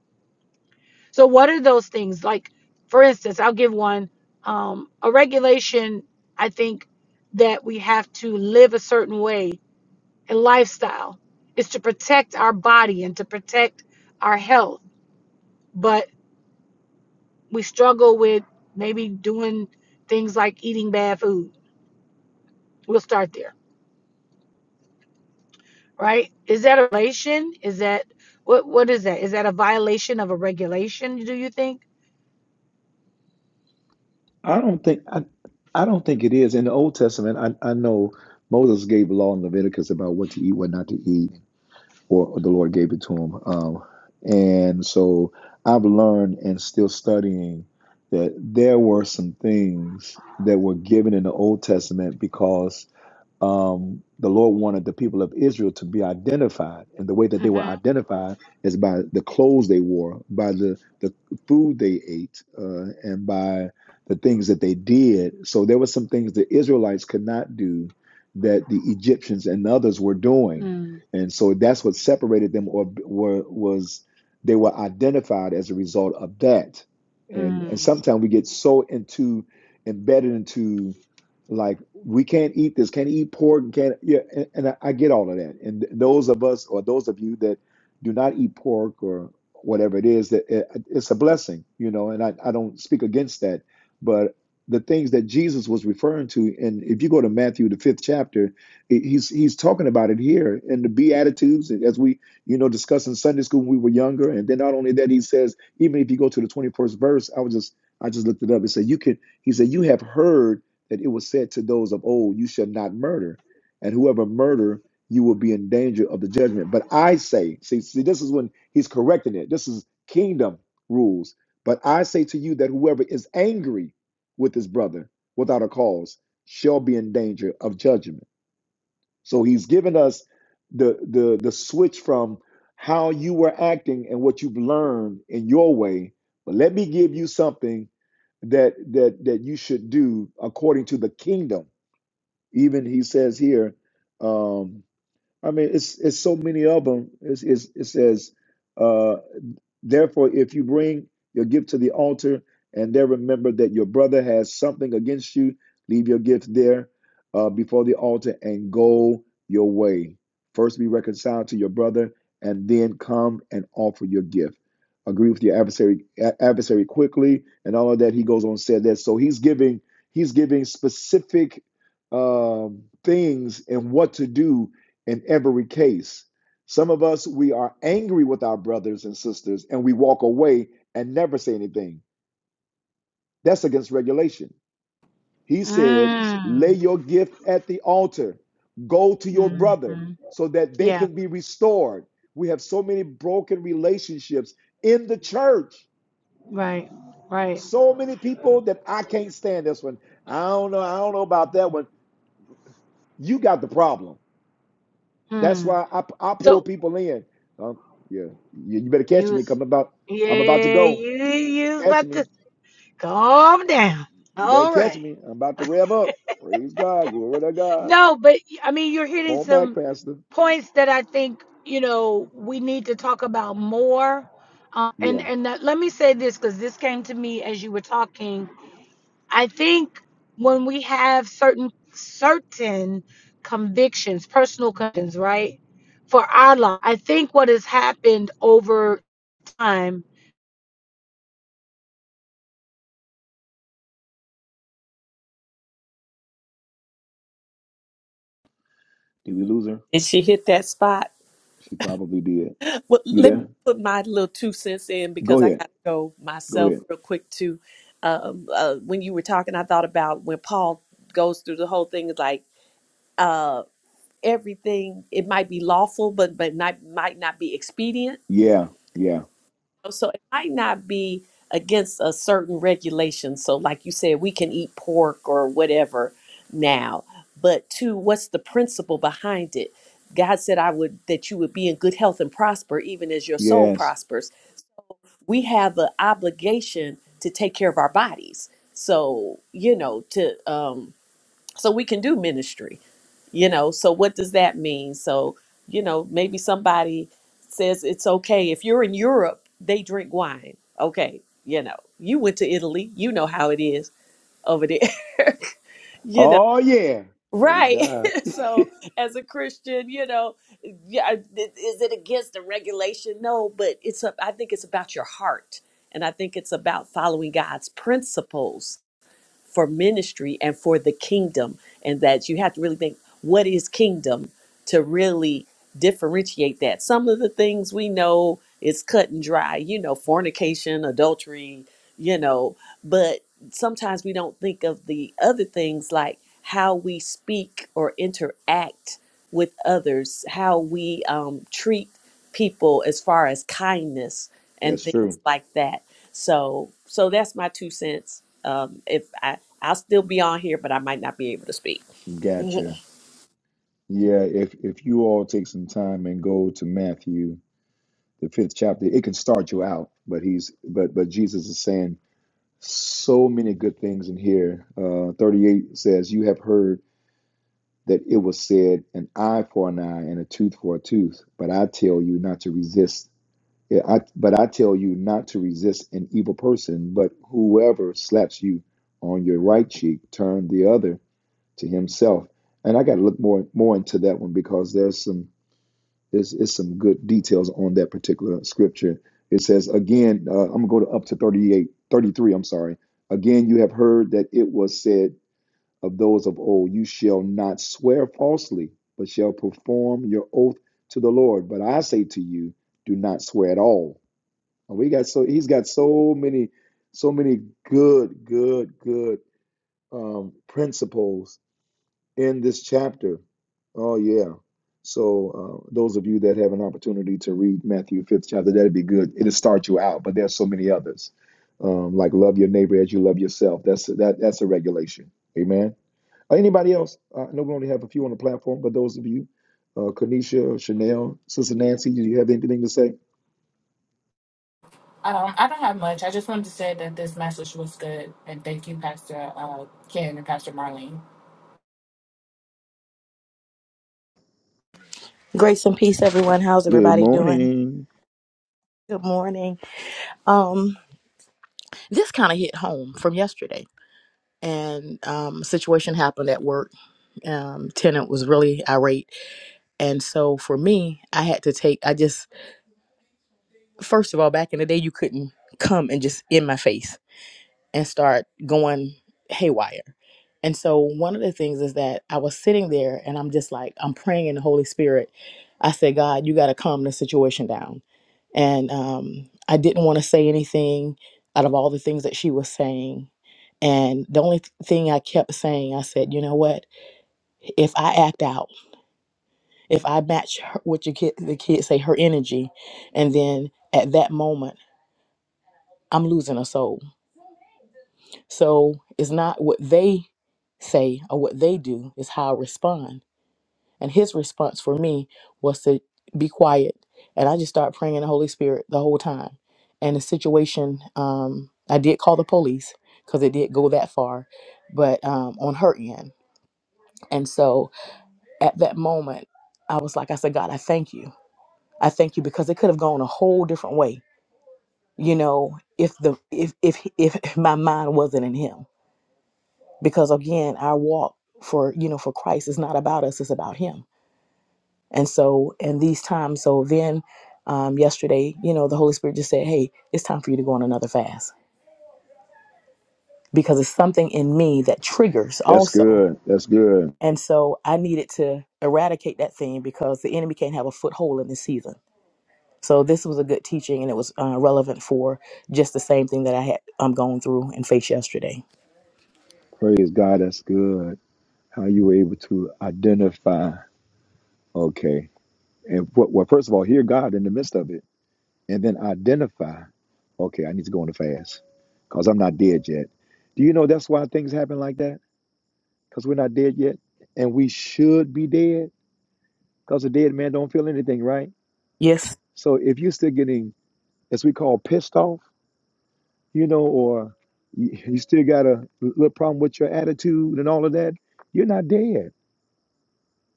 So, what are those things? Like, for instance, I'll give one um, a regulation, I think, that we have to live a certain way and lifestyle is to protect our body and to protect our health. But we struggle with maybe doing things like eating bad food. We'll start there, right? Is that a violation? Is that what? What is that? Is that a violation of a regulation? Do you think?
I don't think I, I don't think it is in the Old Testament. I, I know Moses gave law in Leviticus about what to eat, what not to eat, or the Lord gave it to him. Um, and so I've learned and still studying that there were some things that were given in the Old Testament because um, the Lord wanted the people of Israel to be identified. And the way that they were identified is by the clothes they wore, by the, the food they ate, uh, and by the things that they did. So there were some things the Israelites could not do that the Egyptians and others were doing
Mm-hmm.
and so that's what separated them or were was they were identified as a result of that. And and
Mm-hmm.
sometimes we get so into embedded into like we can't eat this, can't eat pork, and can't yeah, and, and I, I get all of that. And th- those of us or those of you that do not eat pork or whatever it is, that it, it's a blessing, you know. And I, I don't speak against that, but the things that Jesus was referring to, and if you go to Matthew the fifth chapter, He's he's talking about it here in the Beatitudes, as we you know discussed in Sunday school when we were younger. And then not only that, he says even if you go to the twenty first verse, I was just I just looked it up. It said you can. He said you have heard that it was said to those of old, you shall not murder, and whoever murder, you will be in danger of the judgment. But I say, see, see, this is when he's correcting it. This is kingdom rules. But I say to you that whoever is angry with his brother without a cause shall be in danger of judgment. So he's given us the the the switch from how you were acting and what you've learned in your way. But let me give you something that that that you should do according to the kingdom. Even he says here, um, I mean, it's it's so many of them. It's, it's, it says. uh, Therefore, if you bring your gift to the altar and there remember that your brother has something against you, leave your gift there uh, before the altar and go your way. First be reconciled to your brother and then come and offer your gift. Agree with your adversary adversary quickly and all of that. He goes on and said that. So he's giving he's giving specific um, things and what to do in every case. Some of us, we are angry with our brothers and sisters and we walk away and never say anything. That's against regulation. He said, Lay your gift at the altar, go to your brother
Mm-hmm.
so that they
Yeah.
can be restored. We have so many broken relationships in the church.
Right. Right.
So many people that I can't stand this one. I don't know. I don't know about that one. You got the problem. That's
Hmm.
why I, I pull
So
people in. Um, yeah, you, you better
you
catch me.
was
Come about. I'm about to
yeah.
go.
You you was
Catch
about
me.
to calm down.
You better
All
catch
right.
me. I'm about to rev up. Praise God. Glory to God.
No, but I mean, you're
Come
hitting
on back,
some
Pastor.
points that I think, you know, we need to talk about more. Uh, and
Yeah.
and that, let me say this because this came to me as you were talking. I think when we have certain certain convictions, personal convictions, right, for our life, I think what has happened over time.
Did we lose her?
Did she hit that spot?
She probably did.
Well,
You
let me
there?
put my little two cents in
Go
because I got
ahead.
to go
Go
myself
ahead.
real quick too. Um, uh, when you were talking, I thought about when Paul goes through the whole thing, It's like uh, everything it might be lawful but but not, might not be expedient
Yeah. Yeah.
so it might not be against a certain regulation so like you said we can eat pork or whatever now but two what's the principle behind it god said i would that you would be in good health and prosper even as your soul
Yes.
prospers we have an obligation to take care of our bodies so you know to um so we can do ministry you know so what does that mean so you know maybe somebody says it's okay if you're in europe they drink wine okay you know you went to italy you know how it is over there you know
Oh yeah. Praise
right
God.
so as a christian you know yeah I- th- is it against the regulation no but it's a, i think it's about your heart and i think it's about following god's principles for ministry and for the kingdom and that you have to really think what is kingdom to really differentiate that some of the things we know is cut and dry you know fornication adultery you know but sometimes we don't think of the other things like how we speak or interact with others how we um, treat people as far as kindness and
That's
things
true.
like that so so that's my two cents. Um, if I I'll still be on here, but I might not be able to speak.
Gotcha. Yeah, if if you all take some time and go to Matthew, the fifth chapter, it can start you out, but he's but but Jesus is saying so many good things in here. Uh 38 says, You have heard that it was said, an eye for an eye and a tooth for a tooth. But I tell you not to resist. yeah, I, but I tell you not to resist an evil person. But whoever slaps you on your right cheek, turn the other to himself. And I got to look more more into that one because there's some there's, there's some good details on that particular scripture. It says again, uh, I'm gonna go to up to 38, 33. I'm sorry. Again, you have heard that it was said of those of old. You shall not swear falsely, but shall perform your oath to the Lord. But I say to you, do not swear at all. And we got so he's got so many, so many good, good, good um, principles in this chapter. Oh yeah. So uh, those of you that have an opportunity to read Matthew fifth chapter, that'd be good. It'll start you out, but there's so many others. Um, like love your neighbor as you love yourself. That's that that's a regulation. Amen. Anybody else? Uh, I know we only have a few on the platform, but those of you, uh, Kanisha, Chanel, Sister Nancy, do you have anything to say?
Um, I don't have much. I just wanted to say that this message was good. And thank you, Pastor uh, Ken and Pastor Marlene.
Grace and peace, everyone. How's
Good
everybody doing?
morning.
Good morning. Um, this kind of hit home from yesterday, and um, a situation happened at work. Um, tenant was really irate, and so for me, I had to take. I just first of all, back in the day, you couldn't come and just in my face and start going haywire. And so one of the things is that I was sitting there and I'm just like, I'm praying in the Holy Spirit. I said, God, you got to calm the situation down. And um, I didn't want to say anything out of all the things that she was saying. And the only th- thing I kept saying, I said, you know what? If I act out, if I match her, what your kid, the kids say, her energy, and then at that moment, I'm losing a soul So it's not what they say or what they do, it's how I respond. And his response for me was to be quiet. And I just started praying in the Holy Spirit the whole time. And the situation, um, I did call the police because it did go that far, but um, on her end. And so at that moment, I was like, I said, God, I thank you. I thank you because it could have gone a whole different way, you know, if the if if if my mind wasn't in him because again our walk for you know for christ is not about us it's about him and so in these times so then um, yesterday you know the holy spirit just said hey it's time for you to go on another fast because it's something in me that triggers
That's
also
good. That's good.
and so i needed to eradicate that thing because the enemy can't have a foothold in this season so this was a good teaching and it was uh, relevant for just the same thing that i had um, gone through and faced yesterday
Praise God. That's good. How you were able to identify. Okay. And what, well, first of all, hear God in the midst of it and then identify. Okay. I need to go on a fast because I'm not dead yet. Do you know that's why things happen like that? Because we're not dead yet and we should be dead because a dead man don't feel anything, right?
Yes,
So if you're still getting, as we call, pissed off, you know, or you you still got a little problem with your attitude and all of that, you're not dead.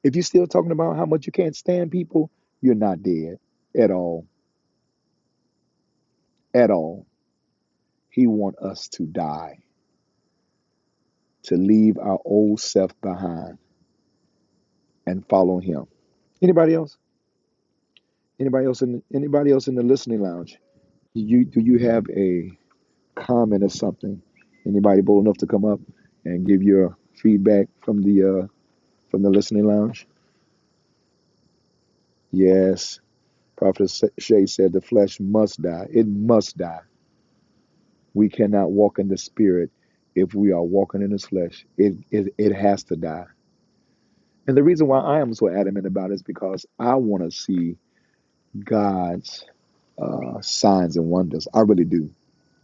If you're still talking about how much you can't stand people, you're not dead at all, at all. He want us to die, to leave our old self behind and follow him. Anybody else? Anybody else in anybody else in the listening lounge? Do you do you have a? comment or something. Anybody bold enough to come up and give your feedback from the uh, from the listening lounge? Yes, Prophet Sa- Shay said the flesh must die. It must die. We cannot walk in the spirit if we are walking in this flesh. It it, it has to die. And the reason why I am so adamant about it is because I want to see God's uh, signs and wonders. I really do.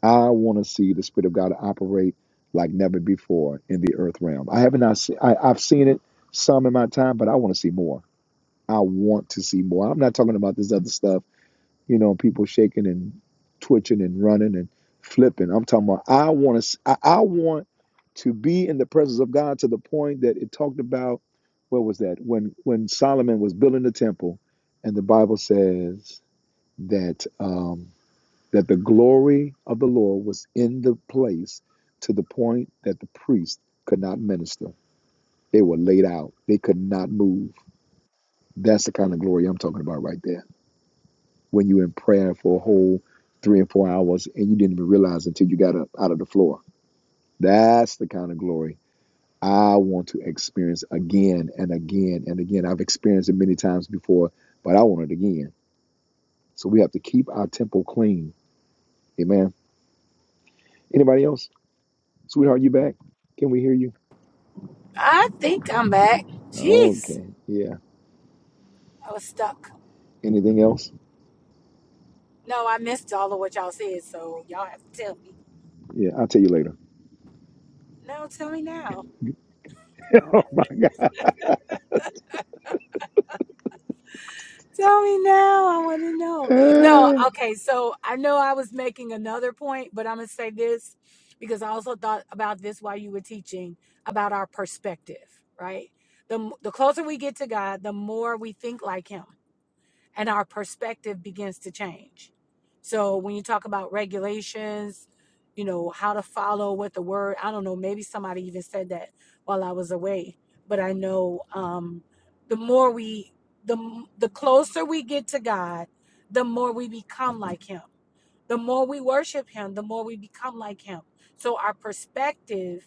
I want to see the Spirit of God operate like never before in the earth realm. I have not seen, I, I've seen it some in my time, but I want to see more. I want to see more. I'm not talking about this other stuff, you know, people shaking and twitching and running and flipping. I'm talking about, I want to, I, I want to be in the presence of God to the point that it talked about, what was that? When, when Solomon was building the temple and the Bible says that, um, that the glory of the Lord was in the place to the point that the priests could not minister. They were laid out, they could not move. That's the kind of glory I'm talking about right there. When you're in prayer for a whole three and four hours and you didn't even realize until you got up out of the floor. That's the kind of glory I want to experience again and again and again. I've experienced it many times before, but I want it again. So we have to keep our temple clean. Amen. Anybody else? Sweetheart, you back? Can we hear you?
I think I'm back. Jeez,
Okay. Yeah.
I was stuck.
Anything else?
No, I missed all of what y'all said, so y'all have to tell me.
Yeah, I'll tell you later.
No, tell me now.
oh my God.
Tell me now. I want to know. No, okay. So I know I was making another point, but I'm going to say this because I also thought about this while you were teaching about our perspective, right? The, m- the closer we get to God, the more we think like Him and our perspective begins to change. So when you talk about regulations, you know, how to follow what the word, I don't know, maybe somebody even said that while I was away, but I know um the more we the m- the closer we get to God, the more we become like him. The more we worship him, the more we become like him. So our perspective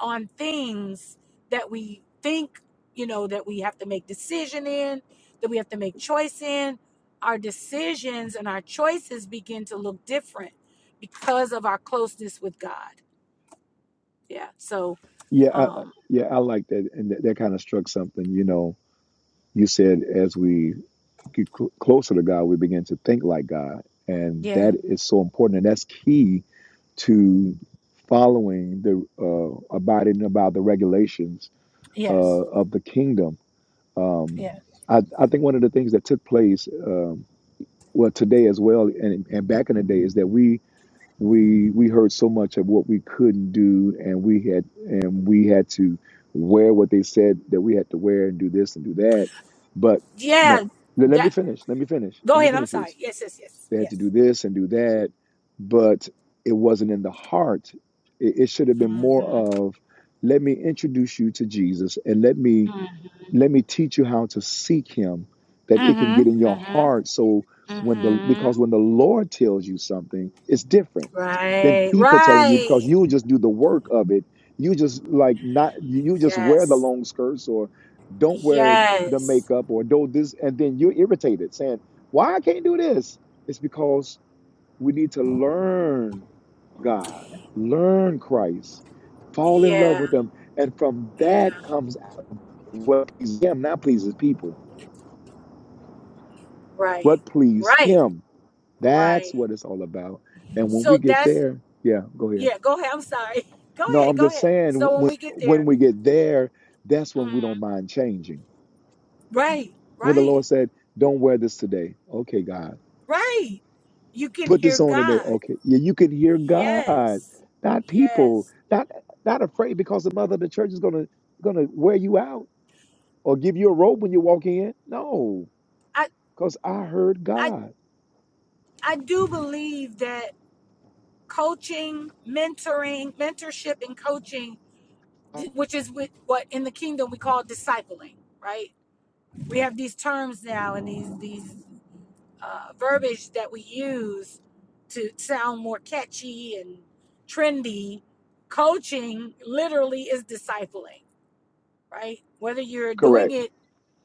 on things that we think, you know, that we have to make decision in, that we have to make choice in, our decisions and our choices begin to look different because of our closeness with God. Yeah. So,
Yeah, I, I-
um,
yeah, I like that, and that, that kind of struck something. You know, you said as we get cl- closer to God, we begin to think like God, and
yeah.
that is so important, and that's key to following the uh, abiding about the regulations uh,
Yes.
of the kingdom. Um,
Yeah.
I, I think one of the things that took place, um, well, today as well, and, and back in the day, is that we we we heard so much of what we couldn't do and we had and we had to wear what they said that we had to wear and do this and do that but no
Yeah.
let, let me
That.
finish let me finish
Go
let me
ahead. I'm
finish
sorry.
this
Yes. Yes. Yes.
they had to
Yes.
do this and do that but it wasn't in the heart it, it should have been
Mhm.
more of let me introduce you to jesus and let me
Mhm.
let me teach you how to seek him that it can
Mhm.
get in your
Mhm.
heart so when the
mhm.
because when the lord tells you something it's different than
Right.
people telling you
Right.
because you just do the work of it you just like not you just wear the
Yes.
long skirts or don't wear the
Yes.
makeup or do this and then you're irritated saying why i can't do this it's because we need to learn god learn christ fall in love
Yeah.
with him and from
Yeah.
that comes what pleases him, not pleases people.
Right.
What pleases
Right.
him. That's
Right.
what it's all about. And when we
So
get
that's
there, yeah, go ahead.
yeah. Go ahead. I'm sorry. Go
No,
ahead.
I'm
Go
just
ahead.
saying
So when
when
we get
when
there,
we get there, that's when
mm,
we don't mind changing.
right.
When the
Right.
Lord said, Don't wear this today. Okay, God.
Right. You can
Put
hear
this on today.
God.
Okay. Yeah, you can hear God,
Yes.
not people,
Yes.
not not afraid because the mother of the church is gonna gonna wear you out or give you a robe when you walk in. No,
I
because I heard
I
God.
I do believe that coaching, mentoring, mentorship, and coaching, th- which is with what in the kingdom we call discipling. Right. We have these terms now and these these. uh, verbiage that we use to sound more catchy and trendy, coaching literally is discipling, right? Whether you're doing
Correct.
it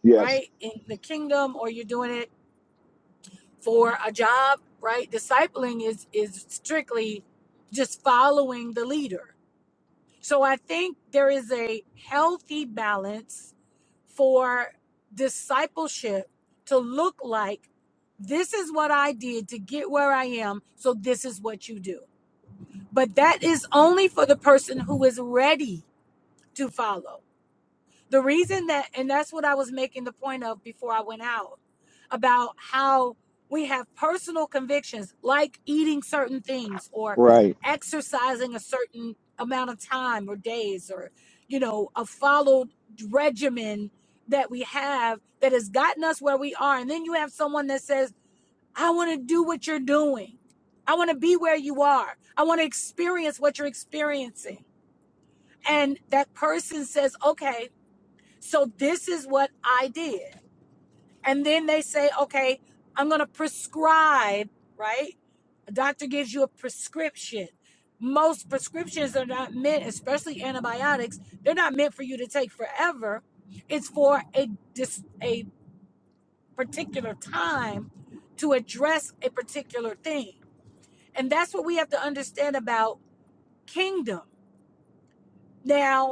Yes.
right in the kingdom or you're doing it for a job, right? Discipling is is strictly just following the leader, so I think there is a healthy balance for discipleship to look like this is what I did to get where I am, so this is what you do. But that is only for the person who is ready to follow. The reason that, and that's what I was making the point of before I went out about how we have personal convictions like eating certain things or
Right.
exercising a certain amount of time or days or, you know, a followed regimen that we have that has gotten us where we are. And then you have someone that says, I want to do what you're doing. I want to be where you are. I want to experience what you're experiencing. And that person says, okay, so this is what I did. And then they say, okay, I'm going to prescribe, right? A doctor gives you a prescription. Most prescriptions are not meant, especially antibiotics, they're not meant for you to take forever. It's for a dis- a particular time to address a particular thing. And that's what we have to understand about kingdom. Now.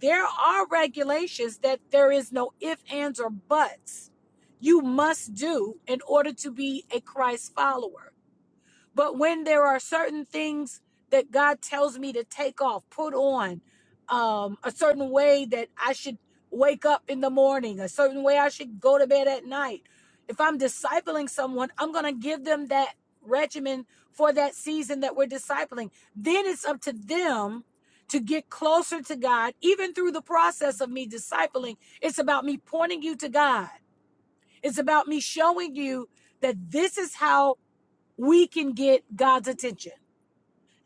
there are regulations that there is no ifs ands, or buts you must do in order to be a Christ follower. But when there are certain things that God tells me to take off, put on, um, a certain way that I should wake up in the morning, a certain way I should go to bed at night. If I'm discipling someone, I'm going to give them that regimen for that season that we're discipling. Then it's up to them to get closer to God, even through the process of me discipling. It's about me pointing you to God, it's about me showing you that this is how we can get God's attention.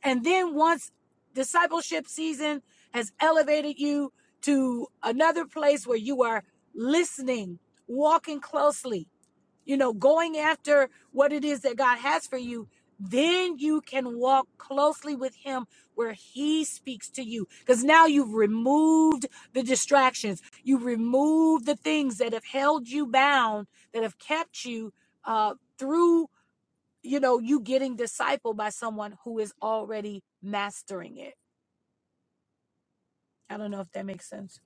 And then once discipleship season has elevated you to another place where you are listening, walking closely, you know, going after what it is that God has for you, then you can walk closely with Him where He speaks to you. Because now you've removed the distractions, you've removed the things that have held you bound, that have kept you uh, through you know, you getting discipled by someone who is already mastering it. I don't know if that makes sense.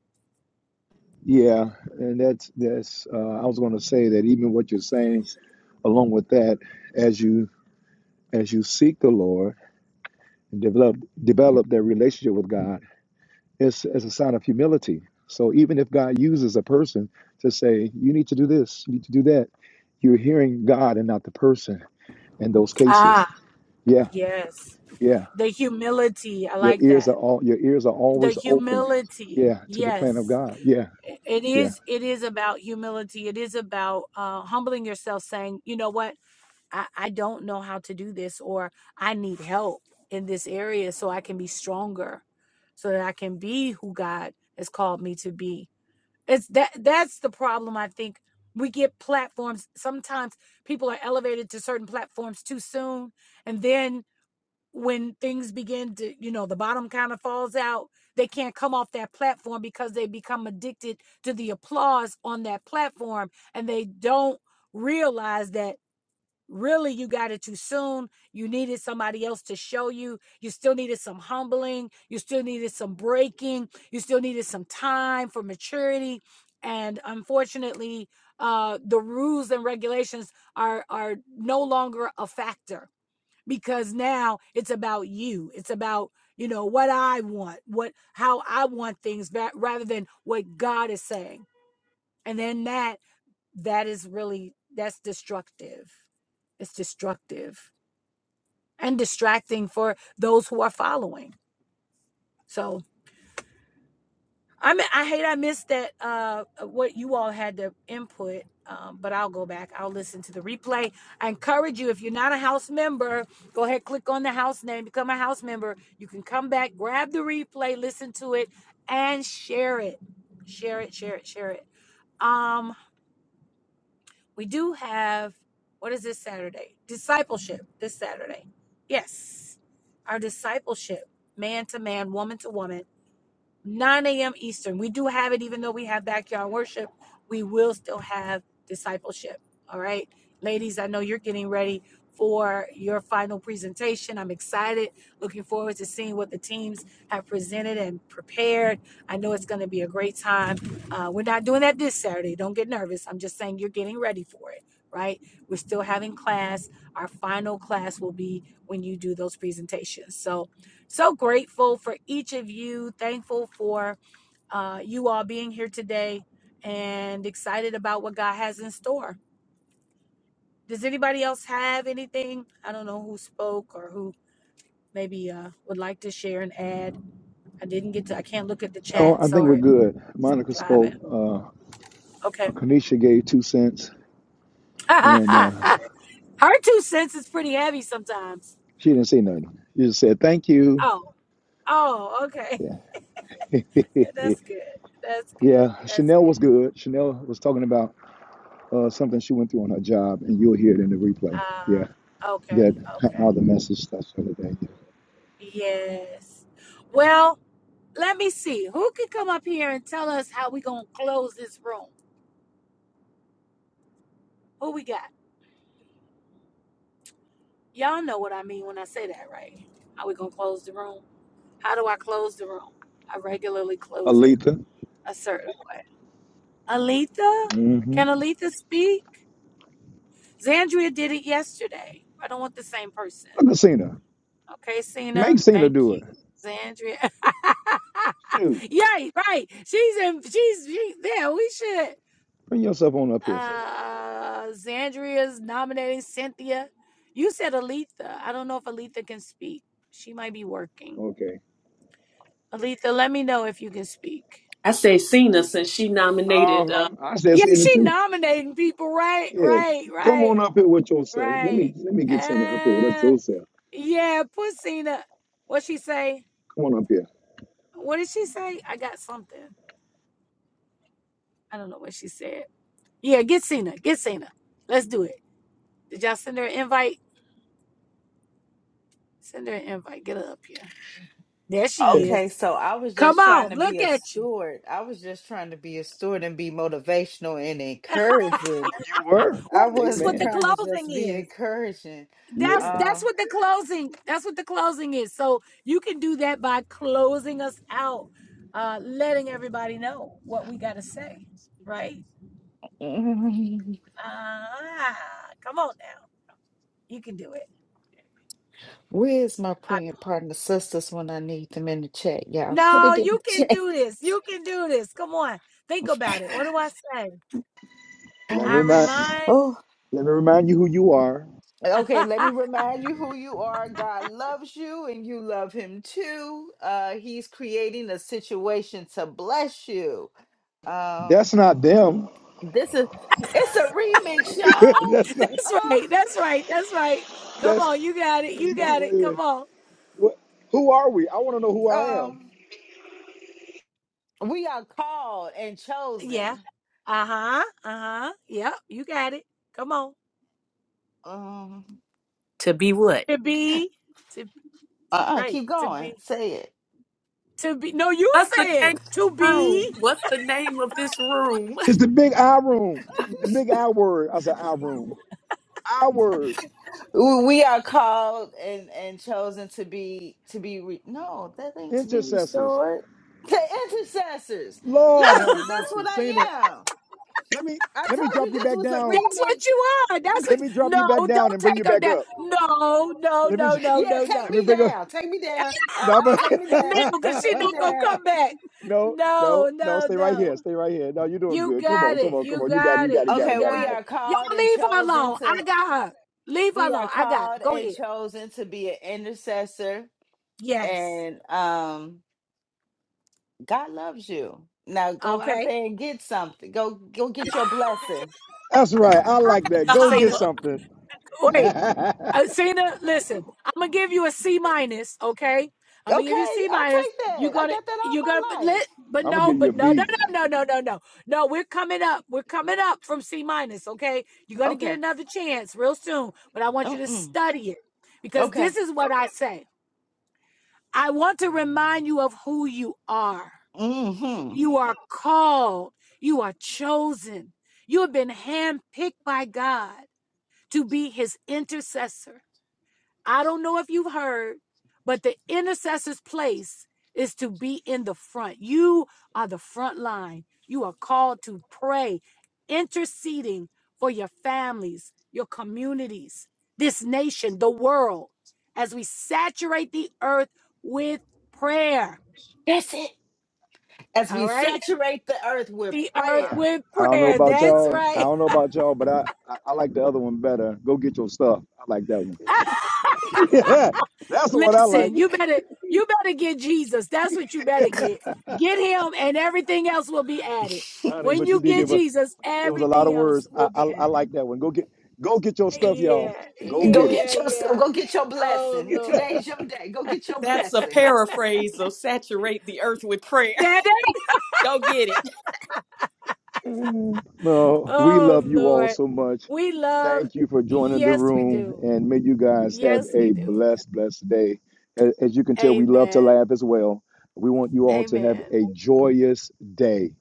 Yeah. And that's that's. Uh, I was going to say that even what you're saying, along with that, as you as you seek the Lord and develop develop that relationship with God, it's it's a sign of humility. So even if God uses a person to say you need to do this, you need to do that, you're hearing God and not the person in those cases.
Ah,
Yeah.
yes.
Yeah.
The humility, I
Your
like
ears
that.
are all your ears are
The
always open.
humility,
Yeah, to the plan of
yes.
God. Yeah,
It
yeah.
is it is about humility. It is about uh humbling yourself saying, you know what, I, I don't know how to do this or I need help in this area so I can be stronger, so that I can be who God has called me to be. It's that that's the problem I think. We get platforms. Sometimes people are elevated to certain platforms too soon. And then when things begin to, you know, the bottom kind of falls out, they can't come off that platform because they become addicted to the applause on that platform and they don't realize that really you got it too soon you needed somebody else to show you you still needed some humbling you still needed some breaking you still needed some time for maturity and unfortunately uh the rules and regulations are are no longer a factor because now it's about you it's about you know what i want what how i want things rather than what god is saying and then that that is really that's destructive it's destructive and distracting for those who are following so i mi- i hate i missed that uh what you all had to input um, but I'll go back. I'll listen to the replay. I encourage you, if you're not a house member, go ahead, click on the house name, become a house member. You can come back, grab the replay, listen to it, and share it. Share it, share it, share it. Um. We do have, what is this Saturday? Discipleship this Saturday. Yes, our discipleship, man to man, woman to woman. 9 a.m. Eastern. We do have it, even though we have backyard worship, we will still have discipleship. All right. Ladies, I know you're getting ready for your final presentation. I'm excited, looking forward to seeing what the teams have presented and prepared. I know it's going to be a great time. Uh, we're not doing that this Saturday. Don't get nervous. I'm just saying you're getting ready for it, right? We're still having class. Our final class will be when you do those presentations. So, so grateful for each of you. Thankful for uh, you all being here today and excited about what God has in store. Does anybody else have anything? I don't know who spoke or who maybe uh, would like to share and add. I didn't get to, I can't look at the
No,
chat.
I think we're
Sorry.
good.
So I'm
Monica
driving.
spoke. Uh,
Okay.
Kanisha gave two cents, and uh,
Her two cents is pretty heavy sometimes.
she didn't say nothing. She just said thank you.
Oh, oh, okay.
Yeah,
That's good. That's good.
yeah.
That's
Chanel
good.
was good. Chanel was talking about uh, something she went through on her job, and you'll hear it in the replay.
Uh,
Yeah, that
okay. Okay.
how the message that's for the day.
Yes. Well, let me see. Who can come up here and tell us how we gonna close this room? Who we got? Y'all know what I mean when I say that, right? How we gonna close the room? How do I close the room? I regularly close it.
Aletha,
Assert. Aletha?
mm-hmm.
Can Aletha speak? Zandria did it yesterday. I don't want the same person.
look at Cena.
Okay,
Make
Cena.
Cena
Thank
do it.
you. Zandria.
Shoot,
Yay, right. She's in she's she, yeah, we should.
bring yourself on up here.
Uh, Xandria's nominating Cynthia. You said Aletha. I don't know if Aletha can speak. She might be working.
Okay.
Aletha, let me know if you can speak.
I say Cena since she nominated.
Uh-huh.
Uh,
I said
Yeah,
Cena
she
too.
nominating people, right?
Yeah.
Right,
Come
right,
on up here with yourself. Let
right.
me let me get Cena up here with
Uh,
yourself.
yeah, Pussina. What she say?
Come on up here.
What did she say? I got something. I don't know what she said. Yeah, get Cena. Get Cena. Let's do it. Did y'all send her an invite? Send her an invite. Get her up here. There
Yeah.
she is.
Okay, so I was
Come
just trying
on,
to be
look
a
at you.
steward. I was just trying to be a steward and be motivational and encouraging.
You were.
Well,
I
that's
was
what the
Amen.
trying to
closing
just be
is.
encouraging.
That's
Yeah.
that's
Um,
what the closing. That's what the closing is. So you can do that by closing us out, uh, letting everybody know what we got to say, right? Ah, come on now, you can do it.
where's my
I-
praying partner sisters when I need them in the chat? y'all? put
no,
it
you
in the
can
chat.
do this. You can do this. Come on, think about it. What do I say?
Let me
I
remind
remind.
Oh,
let me remind you who you are.
that's
okay. Let me remind you who you are. God loves you, and you love Him too. Uh, he's creating a situation to bless you. Um,
That's not them.
This is it's a remix,
that's not
y'all.
right. That's right. That's right. Come on,
that's
you got it.
that's
You
that
got
wait
it.
a minute.
Come on.
What who are we? I want to know who
Uh,
I am.
um, we are called and
Yeah.
chosen.
Uh-huh. Uh-huh. Yep, you got it. Come on.
Um,
To be what?
To be to
uh-uh,
right.
keep
To be
going. Say it.
to be no, you
what's the name
said to
of the room?
be.
What's the name of this room?
It's the big I room. the big I word. I said I room. I word.
We we are called and and chosen to be to be re- no, that ain't to be
Intercessors.
restored. To intercessors,
Lord
yeah,
have
because that's
mercy.
what
Cena.
I am.
Let me
I
let me
told
drop
you
you
this
back
was a
down
That's what you are.
remix.
That's what
let me drop you
no,
back down
don't
and bring you
take her
back
down.
up.
No, no,
Let me
no, no,
yeah,
no,
take
no.
let me
me
bring up
down, take me down, uh,
no,
uh,
but
take me down,
No, because she
take me
not gonna
down.
come back.
no, no,
No,
no.
no,
Stay right here.
no.
Stay right here. No, you're doing
You
good. Come
got
on, come
it.
on, come
You
on. You got it. You
got
got
it.
it. You got
You
it.
Okay,
Got it.
we
Got
got it.
it.
are called
Y'all
and
leave her
chosen
alone.
to.
I got her. Leave her
We are
alone. I got her.
called
Go
and
ahead.
chosen to be an intercessor,
Yes.
and um, God loves you. Now go out
Okay.
there and get something. Go go get your blessing.
That's right. I
I
like
had
that.
to
Go get
Cena.
holler.
something.
Wait.
I'm
Uh, Cena, listen, I'm gonna give you a C minus, okay? I'm gonna give you a
Okay,
C
I'll
minus.
take
You're
that. I
gonna,
got that
you're gonna, but
all my life.
lit, but
gonna
no,
give you a
but no, no,
B.
no, no, no, no, no, no. We're coming up. We're coming up from C minus, okay? You're gonna get
Okay.
another chance real soon, but I want you to
Mm-mm.
study it because
Okay.
this is what I say. I want to remind you of who you are.
Mm-hmm.
You are called. You are chosen. You have been handpicked by God to be His intercessor I don't know if you've heard, but the intercessor's place is to be in the front. You are the front line. You are called to pray, interceding for your families, your communities, this nation, the world, as we saturate the earth with prayer.
That's it. As
All
we
right?
saturate the earth with
The earth
prayer,
with
I don't know
prayer.
about
That's
y'all. I
right.
don't know about y'all, but I, I I like the other one better. Go get your stuff. I like that one. yeah, that's the one I like,
Listen, you better you better get Jesus. That's what you better get. Get him and everything else will be added.
honey.
When
But you
you
did
get
give a
Jesus,
It was a lot
everything
of
else
words. I,
will
I
be
I
added.
like that one. Go get go get your stuff, y'all.
Yeah,
Go
go
get it.
get
yeah,
your stuff.
yeah.
Go get your
Oh
blessing.
Lord.
Today's your day. Go get your
That's a
blessing.
paraphrase of saturate the earth with prayer.
Daddy.
Go get it.
Mm. No, we
Oh
love you all
Lord.
so much.
We love
Thank you for joining the
yes we
room,
do.
and may you guys have
Yes we
a
do.
blessed, blessed day. A- As you can tell, we love to
Amen.
laugh as well. We want you all to have
Amen.
a joyous day.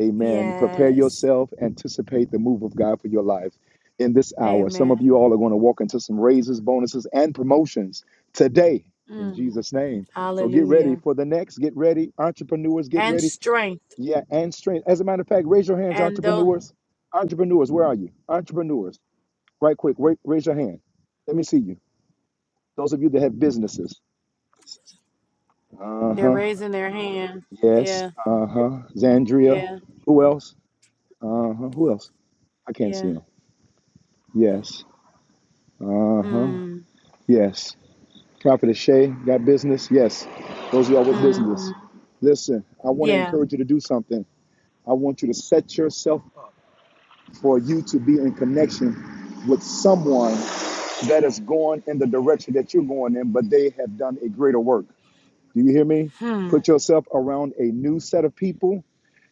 Amen. Prepare
Yes.
yourself, anticipate the move of God for your life in this hour. Some
Amen.
of you all are going to walk into some raises, bonuses, and promotions today in
Mm.
Jesus' name. So get ready
Hallelujah.
for the next. Get ready. Entrepreneurs, get
And
ready
strength.
yeah, and strength. As a matter of fact, raise your hands,
And those
entrepreneurs. Entrepreneurs, where are you? Entrepreneurs, right quick, ra- raise your hand. Let me see you. Those of you that have businesses. Uh
They're
huh.
raising their hand.
Yes.
Yeah,
Uh huh. Zandria.
yeah,
Who
yeah.
else? Uh huh. Who else? I can't see
yeah.
them. Yes. Uh huh.
Mm,
Yes. Prophet Shay got business. Yes. Those of y'all with
mm-hmm.
business. Listen, I want to
Yeah.
encourage you to do something. I want you to set yourself up for you to be in connection with someone that is going in the direction that you're going in, but they have done a greater work. Do you hear me?
Hmm.
Put yourself around a new set of people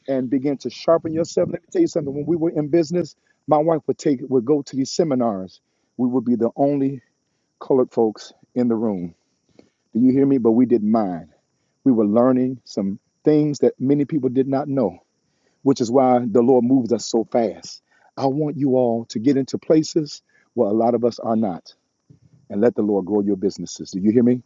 and begin to sharpen yourself. Let me tell you something. When we were in business, my wife would take would go to these seminars. We would be the only colored folks in the room. Do you hear me? But we didn't mind. We were learning some things that many people did not know, which is why the Lord moves us so fast. I want you all to get into places where a lot of us are not and let the Lord grow your businesses. Do you hear me?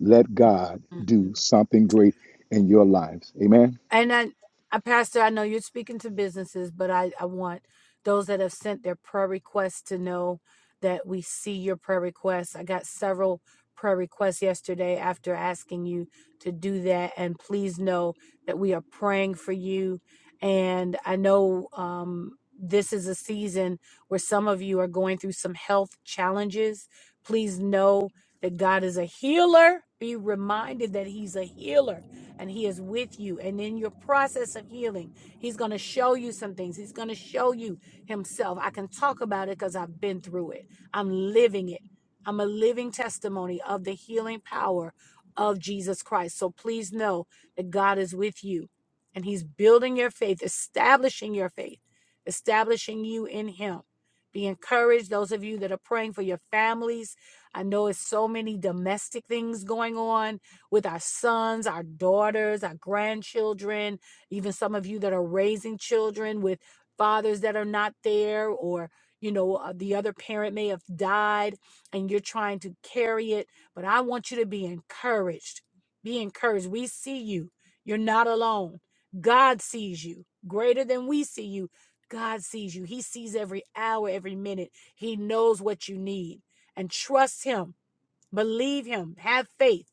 Let God
hmm
do something great in your lives. Amen.
And I, I, Pastor, I know you're speaking to businesses, but I, I want those that have sent their prayer requests to know that we see your prayer requests. I got several prayer requests yesterday after asking you to do that. And please know that we are praying for you. And I know um, this is a season where some of you are going through some health challenges. Please know that God is a healer. Be reminded that He's a healer and He is with you. And in your process of healing, He's going to show you some things. He's going to show you Himself. I can talk about it because I've been through it, I'm living it. I'm a living testimony of the healing power of Jesus Christ. So please know that God is with you and He's building your faith, establishing your faith, establishing you in Him. Be encouraged, those of you that are praying for your families. I know it's so many domestic things going on with our sons, our daughters, our grandchildren, even some of you that are raising children with fathers that are not there or you know uh, the other parent may have died and you're trying to carry it but i want you to be encouraged be encouraged we see you you're not alone god sees you greater than we see you god sees you he sees every hour every minute he knows what you need and trust him Believe him, have faith.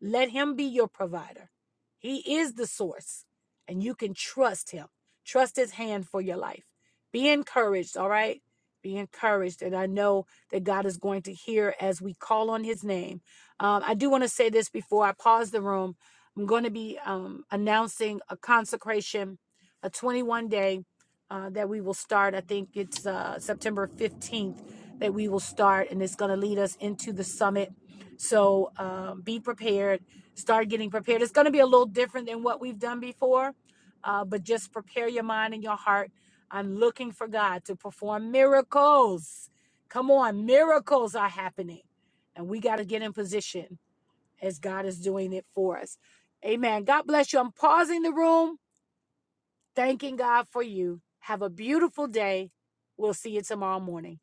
Let him be your provider. He is the source, and you can trust him. Trust his hand for your life. Be encouraged, all right? Be encouraged. And I know that God is going to hear as we call on his name. Um, I do want to say this before I pause the room. I'm going to be um, announcing a consecration, a 21 day uh, that we will start. I think it's uh, September 15th that we will start, and it's going to lead us into the summit so um, be prepared, start getting prepared. It's going to be a little different than what we've done before, uh, but just prepare your mind and your heart. I'm looking for God to perform miracles. Come on, miracles are happening, and we got to get in position as God is doing it for us. Amen. God bless you. I'm pausing the room, thanking God for you. Have a beautiful day. We'll see you tomorrow morning.